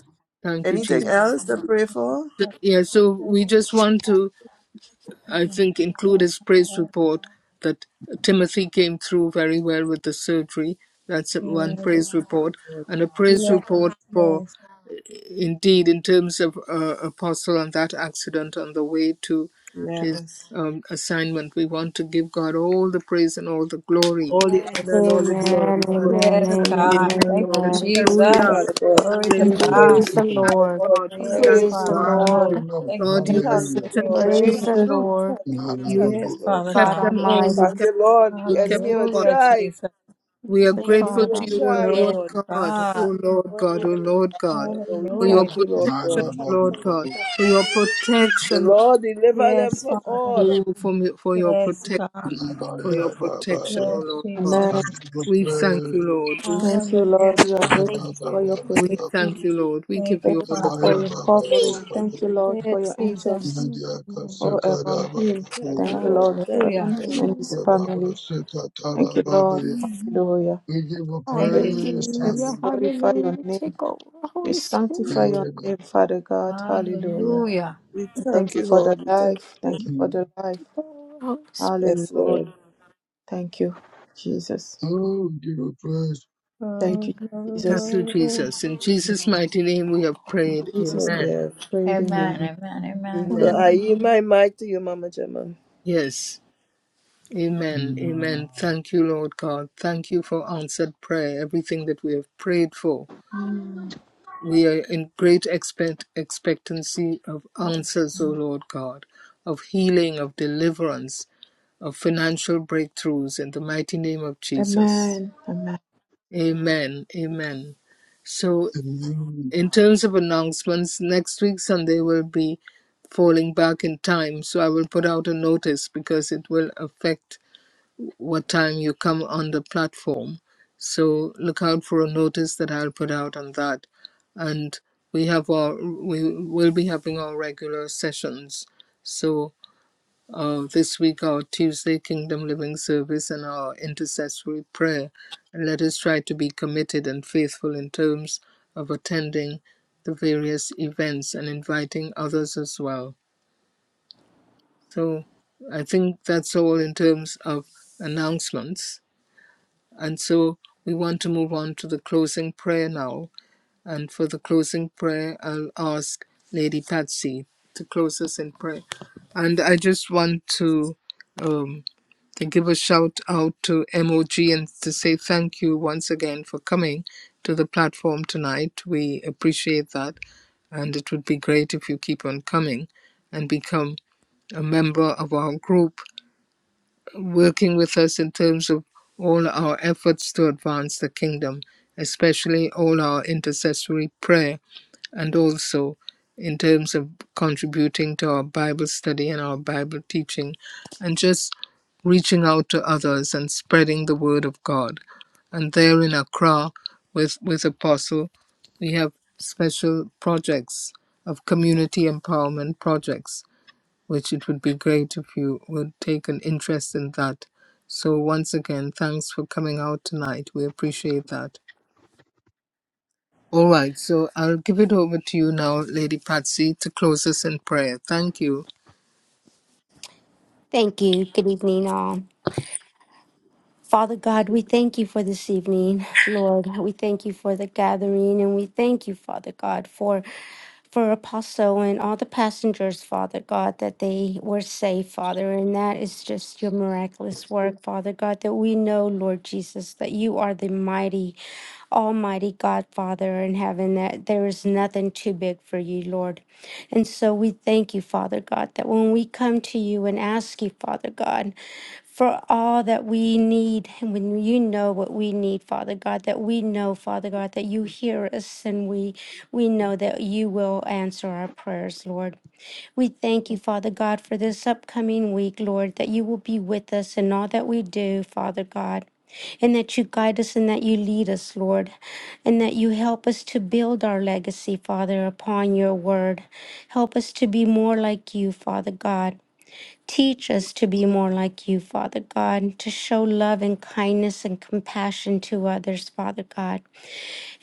Speaker 3: Thank you,
Speaker 4: Make
Speaker 3: Jesus.
Speaker 2: Anything
Speaker 4: this I
Speaker 2: else to
Speaker 4: have
Speaker 2: pray
Speaker 4: nothing
Speaker 2: for?
Speaker 4: to have
Speaker 3: Yeah.
Speaker 4: with
Speaker 3: so
Speaker 4: your
Speaker 3: we just want
Speaker 4: God.
Speaker 3: to.
Speaker 4: And
Speaker 3: I
Speaker 4: my
Speaker 3: think, include his praise
Speaker 4: prayer comes
Speaker 3: report that Timothy came through very well with the surgery. That's one
Speaker 4: Yes,
Speaker 2: Thank
Speaker 3: praise
Speaker 2: you,
Speaker 3: report.
Speaker 2: Lord.
Speaker 3: And a praise
Speaker 4: yes,
Speaker 3: report for,
Speaker 4: yes,
Speaker 3: indeed, in terms of uh, Apostle and that accident on the way to his
Speaker 2: Yes.
Speaker 3: um, assignment. We want to give God all the praise and all the glory.
Speaker 2: All the honor and
Speaker 7: Yes,
Speaker 2: all the
Speaker 7: Lord.
Speaker 1: Amen,
Speaker 2: glory, Father. We
Speaker 1: amen,
Speaker 4: yes,
Speaker 2: thank you,
Speaker 3: Amen.
Speaker 4: God.
Speaker 2: Father
Speaker 1: amen,
Speaker 4: Thank
Speaker 2: God.
Speaker 4: you,
Speaker 2: We
Speaker 1: amen.
Speaker 2: thank
Speaker 7: Yes,
Speaker 2: you,
Speaker 3: Hallelujah.
Speaker 4: Jesus.
Speaker 2: Father
Speaker 7: Lord.
Speaker 2: God.
Speaker 7: In the
Speaker 4: Glory
Speaker 7: mighty
Speaker 4: to
Speaker 2: We
Speaker 5: Thank
Speaker 7: name
Speaker 5: you,
Speaker 3: Hallelujah.
Speaker 7: of
Speaker 4: God.
Speaker 6: Mm-hmm.
Speaker 5: Jesus.
Speaker 1: Praise
Speaker 3: We
Speaker 2: praise
Speaker 7: Jesus,
Speaker 1: the
Speaker 2: you, Father
Speaker 7: uh,
Speaker 3: thank
Speaker 1: Lord.
Speaker 2: God.
Speaker 3: God.
Speaker 2: We
Speaker 7: praise
Speaker 3: We
Speaker 4: Yes,
Speaker 3: thank
Speaker 7: the
Speaker 2: praise
Speaker 1: Praise
Speaker 2: you,
Speaker 1: the
Speaker 4: Father
Speaker 3: God.
Speaker 2: Father
Speaker 6: Thank
Speaker 4: God.
Speaker 6: you,
Speaker 2: God.
Speaker 1: Lord.
Speaker 6: Lord.
Speaker 4: Thank you.
Speaker 2: We
Speaker 3: God,
Speaker 4: We
Speaker 3: you are
Speaker 2: thank
Speaker 4: bless
Speaker 6: Hallelujah.
Speaker 2: you,
Speaker 4: you.
Speaker 3: such an
Speaker 4: We
Speaker 5: Thank
Speaker 2: Lord.
Speaker 5: you,
Speaker 3: awesome
Speaker 2: We
Speaker 1: Praise
Speaker 4: praise
Speaker 1: the
Speaker 2: thank
Speaker 5: Jesus.
Speaker 2: you.
Speaker 4: you.
Speaker 2: We
Speaker 1: Lord.
Speaker 2: thank you. We
Speaker 3: You
Speaker 2: thank you,
Speaker 4: Yes,
Speaker 6: Marababu,
Speaker 2: Lord.
Speaker 4: Father
Speaker 1: God
Speaker 3: kept
Speaker 4: God.
Speaker 3: them all. You
Speaker 2: Thank
Speaker 1: Almighty.
Speaker 3: kept
Speaker 2: you,
Speaker 3: them all.
Speaker 2: Lord.
Speaker 3: You
Speaker 2: The
Speaker 3: kept
Speaker 2: enemy
Speaker 3: the
Speaker 2: will
Speaker 4: Hallelujah,
Speaker 3: apostle.
Speaker 2: try.
Speaker 4: Jesus.
Speaker 3: We are
Speaker 1: It's
Speaker 2: The
Speaker 1: a
Speaker 2: enemy
Speaker 3: grateful
Speaker 1: God
Speaker 2: will
Speaker 3: to you, O
Speaker 2: try,
Speaker 1: Almighty.
Speaker 4: Yes,
Speaker 3: Lord
Speaker 2: Lord.
Speaker 3: God,
Speaker 4: God.
Speaker 3: O Lord God, O Lord God,
Speaker 2: Yeah, but we
Speaker 3: for
Speaker 1: Mm,
Speaker 3: your
Speaker 2: thank
Speaker 4: Hallelujah.
Speaker 2: you, Lord
Speaker 3: protection,
Speaker 2: God.
Speaker 3: O Lord God,
Speaker 6: marababu,
Speaker 3: for your
Speaker 2: The
Speaker 3: protection,
Speaker 2: Lord deliver them
Speaker 4: Yes,
Speaker 2: from
Speaker 4: Father.
Speaker 2: all.
Speaker 3: oh, for, me- for your
Speaker 4: Yes,
Speaker 3: protection,
Speaker 4: God.
Speaker 3: for your protection, O
Speaker 6: yabarababa.
Speaker 4: Yes,
Speaker 3: Lord God.
Speaker 6: I
Speaker 4: Jesus.
Speaker 5: Amen.
Speaker 6: give you
Speaker 3: We thank you,
Speaker 6: praise.
Speaker 3: Lord. We,
Speaker 5: Thank you,
Speaker 4: Hallelujah,
Speaker 5: Lord. We are grateful
Speaker 4: Jesus.
Speaker 5: for your
Speaker 6: Yabarababa,
Speaker 3: we
Speaker 5: protection.
Speaker 3: thank you, Lord. We give
Speaker 4: Thank
Speaker 5: Thank
Speaker 4: you,
Speaker 3: you all
Speaker 5: you
Speaker 3: the
Speaker 4: Father
Speaker 3: praise.
Speaker 5: for your
Speaker 4: God.
Speaker 7: Lord.
Speaker 5: covering.
Speaker 6: yabarababa.
Speaker 5: Thank you, Lord,
Speaker 4: Yes,
Speaker 5: for your angels
Speaker 4: Jesus.
Speaker 1: God Almighty.
Speaker 5: all around him.
Speaker 2: Thank
Speaker 5: Thank
Speaker 2: you,
Speaker 6: Yandiakasekarababu,
Speaker 5: you,
Speaker 2: Lord.
Speaker 5: Lord,
Speaker 2: We
Speaker 5: for
Speaker 2: thank you,
Speaker 5: around
Speaker 4: Hallelujah.
Speaker 2: Lord.
Speaker 5: him and
Speaker 1: Mm.
Speaker 5: his family. Thank you,
Speaker 6: yabarababa.
Speaker 5: Lord.
Speaker 4: Mhm.
Speaker 5: Hallelujah.
Speaker 6: We give you
Speaker 5: We
Speaker 4: Thank you,
Speaker 5: praise your
Speaker 6: praise,
Speaker 5: name. We
Speaker 1: Hallelujah,
Speaker 4: Jesus.
Speaker 6: hallelujah.
Speaker 5: glorify your
Speaker 1: hallelujah.
Speaker 5: name.
Speaker 1: Take over,
Speaker 5: We
Speaker 1: Holy
Speaker 5: sanctify
Speaker 1: Spirit.
Speaker 5: your
Speaker 1: Take
Speaker 5: name, Father God. Hallelujah.
Speaker 4: Hallelujah.
Speaker 2: We
Speaker 5: And
Speaker 2: thank
Speaker 5: thank you
Speaker 2: you,
Speaker 5: for the
Speaker 2: Lord. We thank
Speaker 5: life.
Speaker 2: you, Lord.
Speaker 5: Thank you for the life.
Speaker 1: over, Holy
Speaker 2: Yes,
Speaker 5: Hallelujah.
Speaker 2: Lord.
Speaker 5: Thank you, Jesus.
Speaker 6: Oh, we give you praise.
Speaker 3: In-
Speaker 4: Oh,
Speaker 5: Thank you,
Speaker 4: glory,
Speaker 3: Thank
Speaker 5: Jesus.
Speaker 3: you,
Speaker 4: glory.
Speaker 3: Jesus. In Jesus' mighty name we have prayed.
Speaker 5: Jesus, we
Speaker 2: Yes,
Speaker 3: Amen.
Speaker 5: pray, amen.
Speaker 4: Amen,
Speaker 1: Spirit.
Speaker 4: amen, amen.
Speaker 2: So
Speaker 3: Amen.
Speaker 2: I yield
Speaker 1: Amen.
Speaker 2: my mic to you, Mama Gemma.
Speaker 3: Yes. Amen.
Speaker 6: Mm.
Speaker 3: Amen. Thank you, Lord God. Thank you for answered prayer, everything that we have prayed for. We are in great expect- expectancy of
Speaker 4: Yes.
Speaker 3: answers, O Lord God, of healing, of deliverance, of financial breakthroughs in the mighty name of Jesus.
Speaker 5: Amen. Amen.
Speaker 3: Amen. Amen. So,
Speaker 6: Amen.
Speaker 3: in terms of announcements, next week Sunday will be falling back in time. So, I will put out a notice because it will affect what time you come on the platform. So look out for a notice that I'll put out on that. And we have our we will be having our regular sessions. So uh, this week our Tuesday Kingdom Living Service and our intercessory prayer. And let us try to be committed and faithful in terms of attending the various events and inviting others as well. So I think that's all in terms of announcements. And so we want to move on to the closing prayer now. And for the closing prayer, I'll ask Lady Patsy to close us in prayer. And I just want to, um, to give a shout out to MOG and to say thank you once again for coming to the platform tonight. We appreciate that. And it would be great if you keep on coming and become a member of our group working with us in terms of all our efforts to advance the kingdom, especially all our intercessory prayer, and also in terms of contributing to our Bible study and our Bible teaching, and just reaching out to others and spreading the word of God. And there in Accra with, with Apostle, we have special projects of community empowerment projects which it would be great if you would take an interest in that. So, once again, thanks for coming out tonight. We appreciate that. All right, so I'll give it over to you now, Lady Patsy, to close us in prayer. Thank you.
Speaker 1: Thank you. Good evening, all. Father God, we thank you for this evening, Lord. We thank you for the gathering, and we thank you, Father God, for for Apostle and all the passengers, Father God, that they were safe, Father, and that is just your miraculous work, Father God, that we know, Lord Jesus, that you are the mighty Almighty God, Father in heaven, that there is nothing too big for you, Lord. And so we thank you, Father God, that when we come to you and ask you, Father God, for all that we need, and when you know what we need, Father God, that we know, Father God, that you hear us and we we know that you will answer our prayers, Lord. We thank you, Father God, for this upcoming week, Lord, that you will be with us in all that we do, Father God, and that you guide us and that you lead us, Lord, and that you help us to build our legacy, Father, upon your word. Help us to be more like you, Father God. Teach us to be more like you, Father God, to show love and kindness and compassion to others, Father God.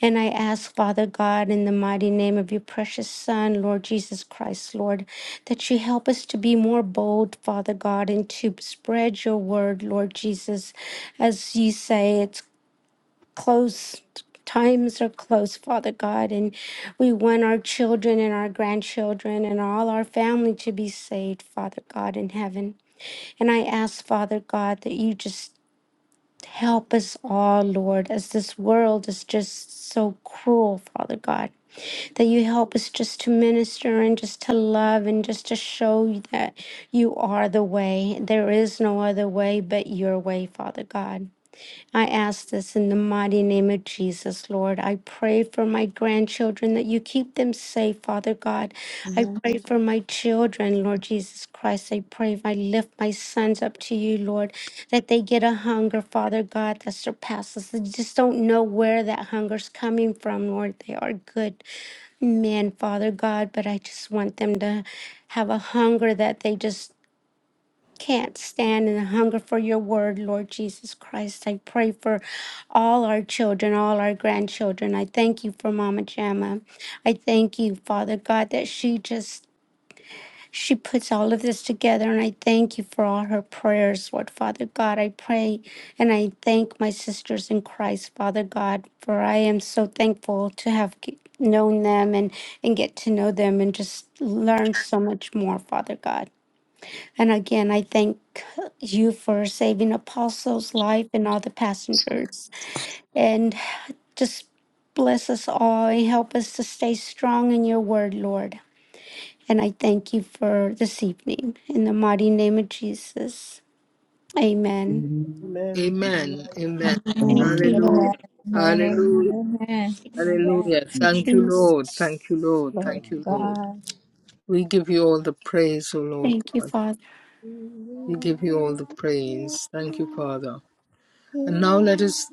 Speaker 1: And I ask, Father God, in the mighty name of your precious Son, Lord Jesus Christ, Lord, that you help us to be more bold, Father God, and to spread your word, Lord Jesus. As you say, it's close. Times are close, Father God, and we want our children and our grandchildren and all our family to be saved, Father God in heaven. And I ask, Father God, that you just Help us all, Lord, as this world is just so cruel, Father God, that you help us just to minister and just to love and just to show you that you are the way. There is no other way but your way, Father God. I ask this in the mighty name of Jesus, Lord. I pray for my grandchildren that you keep them safe, Father God. I
Speaker 5: Amen.
Speaker 1: pray for my children, Lord Jesus Christ. I pray, I lift my sons up to you, Lord, that they get a hunger, Father God, that surpasses. They just don't know where that hunger's coming from, Lord. They are good men, Father God, but I just want them to have a hunger that they just can't stand and hunger for your word, Lord Jesus Christ. I pray for all our children, all our grandchildren. I thank you for Mama Jamma. I thank you, Father God, that she just she puts all of this together and I thank you for all her prayers, Lord Father God. I pray and I thank my sisters in Christ, Father God, for I am so thankful to have g- known them and and get to know them and just learn so much more, Father God. And again, I thank you for saving Apostle's life and all the passengers. And just bless us all and help us to stay strong in your word, Lord. And I thank you for this evening. In the mighty name of Jesus. Amen.
Speaker 2: Amen.
Speaker 3: Amen.
Speaker 2: Amen.
Speaker 3: Amen.
Speaker 5: Amen.
Speaker 1: Thank you,
Speaker 6: Amen.
Speaker 3: Hallelujah.
Speaker 1: Lord.
Speaker 4: Amen. Amen.
Speaker 6: Amen.
Speaker 4: Amen.
Speaker 3: Hallelujah.
Speaker 4: Amen. Amen.
Speaker 3: Hallelujah.
Speaker 6: Amen.
Speaker 3: Thank you, Lord.
Speaker 1: Jesus.
Speaker 3: Thank you, Lord.
Speaker 4: Glory
Speaker 3: Thank
Speaker 4: to
Speaker 3: you, Lord.
Speaker 4: God.
Speaker 3: We give you all the praise, O Lord
Speaker 1: Thank you,
Speaker 3: God.
Speaker 1: Father.
Speaker 3: We give you all the praise. Thank you, Father. And now let us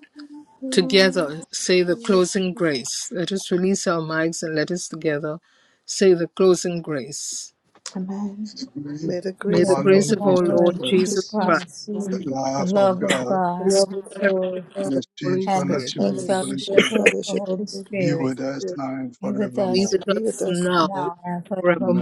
Speaker 3: together say the closing grace. Let us release our mics and let us together say the closing grace.
Speaker 5: Amen.
Speaker 6: Grace
Speaker 2: May the
Speaker 3: May
Speaker 6: Of
Speaker 4: The
Speaker 3: the
Speaker 2: grace
Speaker 6: our
Speaker 2: of our
Speaker 4: grace
Speaker 3: grace
Speaker 6: Lord
Speaker 4: of
Speaker 3: of
Speaker 4: our
Speaker 2: Lord,
Speaker 3: our
Speaker 6: Jesus
Speaker 4: Lord
Speaker 3: Lord
Speaker 5: The
Speaker 4: Jesus
Speaker 3: Jesus
Speaker 6: Christ,
Speaker 5: goodness
Speaker 3: Christ,
Speaker 5: of
Speaker 4: Christ,
Speaker 6: the
Speaker 1: Amen.
Speaker 4: the
Speaker 6: love of
Speaker 4: love of
Speaker 6: God,
Speaker 2: the
Speaker 3: the
Speaker 4: God,
Speaker 2: love
Speaker 3: sweet
Speaker 2: of the
Speaker 3: fellowship
Speaker 2: Lord,
Speaker 6: and
Speaker 3: of the
Speaker 6: the sweet
Speaker 3: Holy
Speaker 4: and the
Speaker 3: Spirit,
Speaker 6: fellowship
Speaker 4: sweet
Speaker 2: and
Speaker 6: of
Speaker 2: the
Speaker 6: the Holy
Speaker 2: sweet
Speaker 4: fellowship
Speaker 6: Spirit
Speaker 4: of the
Speaker 2: fellowship of
Speaker 4: Holy
Speaker 2: the
Speaker 6: be
Speaker 2: Holy
Speaker 4: Spirit
Speaker 6: with us
Speaker 2: Spirit
Speaker 6: now and
Speaker 4: be with
Speaker 3: be
Speaker 4: us
Speaker 6: forevermore.
Speaker 3: with
Speaker 2: be with
Speaker 3: us
Speaker 2: us
Speaker 3: now and
Speaker 4: now and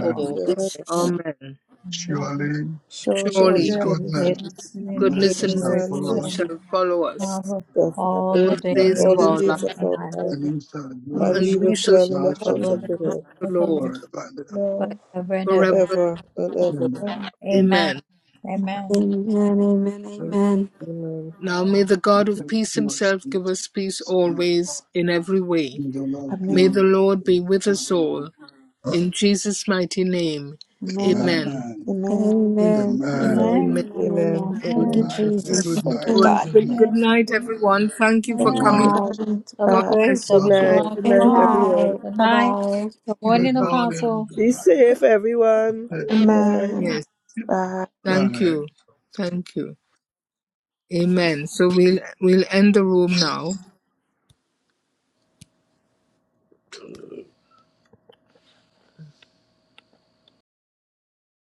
Speaker 2: and
Speaker 5: the
Speaker 2: forever.
Speaker 5: Lord
Speaker 1: Jesus.
Speaker 5: Amen.
Speaker 3: Amen.
Speaker 4: Amen.
Speaker 5: Amen.
Speaker 6: Surely
Speaker 5: Surely,
Speaker 6: His
Speaker 2: Surely
Speaker 3: Surely
Speaker 4: Surely
Speaker 2: goodness and
Speaker 6: goodness
Speaker 4: goodness
Speaker 6: and
Speaker 5: amen.
Speaker 4: and
Speaker 6: mercy
Speaker 3: goodness and
Speaker 2: goodness
Speaker 6: shall
Speaker 4: mercy
Speaker 2: and
Speaker 3: mercy
Speaker 6: follow us
Speaker 4: shall
Speaker 2: mercy
Speaker 3: shall follow us
Speaker 4: follow
Speaker 2: shall follow
Speaker 4: all
Speaker 2: us
Speaker 3: all
Speaker 4: the
Speaker 3: the days
Speaker 6: tonight,
Speaker 2: all
Speaker 3: of
Speaker 2: the
Speaker 1: Amen.
Speaker 4: days
Speaker 3: our
Speaker 4: of
Speaker 3: life,
Speaker 2: days of
Speaker 4: our
Speaker 2: our
Speaker 4: lives,
Speaker 2: life,
Speaker 6: and He shall dwell
Speaker 5: and we
Speaker 2: and
Speaker 6: in
Speaker 3: and
Speaker 5: shall
Speaker 2: we
Speaker 4: and
Speaker 2: will
Speaker 3: we
Speaker 4: we
Speaker 3: shall
Speaker 2: dwell
Speaker 6: the
Speaker 4: shall
Speaker 2: in the
Speaker 3: dwell in
Speaker 6: house of
Speaker 2: house
Speaker 4: dwell
Speaker 6: the
Speaker 2: of
Speaker 4: in
Speaker 2: the
Speaker 6: Lord
Speaker 4: the
Speaker 3: the
Speaker 4: house
Speaker 3: house
Speaker 2: Lord
Speaker 3: of the
Speaker 4: of the Lord
Speaker 3: Lord
Speaker 6: forever and ever.
Speaker 5: love.
Speaker 4: forever and
Speaker 3: forever.
Speaker 4: ever.
Speaker 3: and
Speaker 2: forever
Speaker 3: ever.
Speaker 2: and ever.
Speaker 6: Amen.
Speaker 5: God.
Speaker 6: Amen.
Speaker 4: Amen.
Speaker 3: Amen.
Speaker 4: Amen.
Speaker 1: Amen. Amen.
Speaker 2: Amen.
Speaker 3: Now may the God of
Speaker 6: Thank
Speaker 3: peace
Speaker 6: you, our
Speaker 3: himself give us peace
Speaker 6: saints.
Speaker 3: always, in every way.
Speaker 6: May the Lord be
Speaker 3: May
Speaker 5: Amen.
Speaker 3: the
Speaker 6: with
Speaker 3: Lord be
Speaker 6: us.
Speaker 3: with us all. In Jesus' mighty name.
Speaker 5: Amen.
Speaker 3: Amen.
Speaker 6: Amen.
Speaker 5: Amen.
Speaker 3: Amen.
Speaker 1: Amen. Amen.
Speaker 6: Amen.
Speaker 2: Amen.
Speaker 3: Amen.
Speaker 4: Amen.
Speaker 1: Amen.
Speaker 2: Amen.
Speaker 1: Amen. Thank
Speaker 6: Good
Speaker 1: you,
Speaker 2: Amen.
Speaker 6: night.
Speaker 3: Amen.
Speaker 2: Amen.
Speaker 1: Jesus.
Speaker 6: Good
Speaker 1: Thank you,
Speaker 3: All
Speaker 6: night.
Speaker 3: right.
Speaker 5: Amen.
Speaker 1: God.
Speaker 6: Good night.
Speaker 3: Good good
Speaker 4: Amen.
Speaker 3: night, everyone. Thank you
Speaker 1: Good
Speaker 3: for
Speaker 6: Good
Speaker 4: Bye.
Speaker 3: coming.
Speaker 6: night.
Speaker 1: night.
Speaker 5: Amen.
Speaker 4: Double
Speaker 3: God
Speaker 5: Bye.
Speaker 4: grace,
Speaker 3: bless
Speaker 2: Good
Speaker 4: double
Speaker 6: God
Speaker 3: you
Speaker 2: night.
Speaker 6: bless.
Speaker 3: all.
Speaker 4: shalom
Speaker 2: Good
Speaker 4: for
Speaker 1: Good
Speaker 2: night,
Speaker 4: all.
Speaker 2: everyone.
Speaker 1: night.
Speaker 4: Good
Speaker 1: Bye
Speaker 4: night.
Speaker 1: bye.
Speaker 4: Good
Speaker 3: May
Speaker 6: Good
Speaker 4: morning,
Speaker 3: God.
Speaker 6: morning.
Speaker 4: Apostle.
Speaker 6: Good
Speaker 2: Be
Speaker 6: night.
Speaker 2: safe, everyone.
Speaker 6: Hey,
Speaker 2: Good night.
Speaker 5: Amen.
Speaker 3: Yes.
Speaker 5: Bye.
Speaker 6: Good
Speaker 3: Thank
Speaker 6: night.
Speaker 3: you. Thank you. Amen. So we'll we'll end the room now.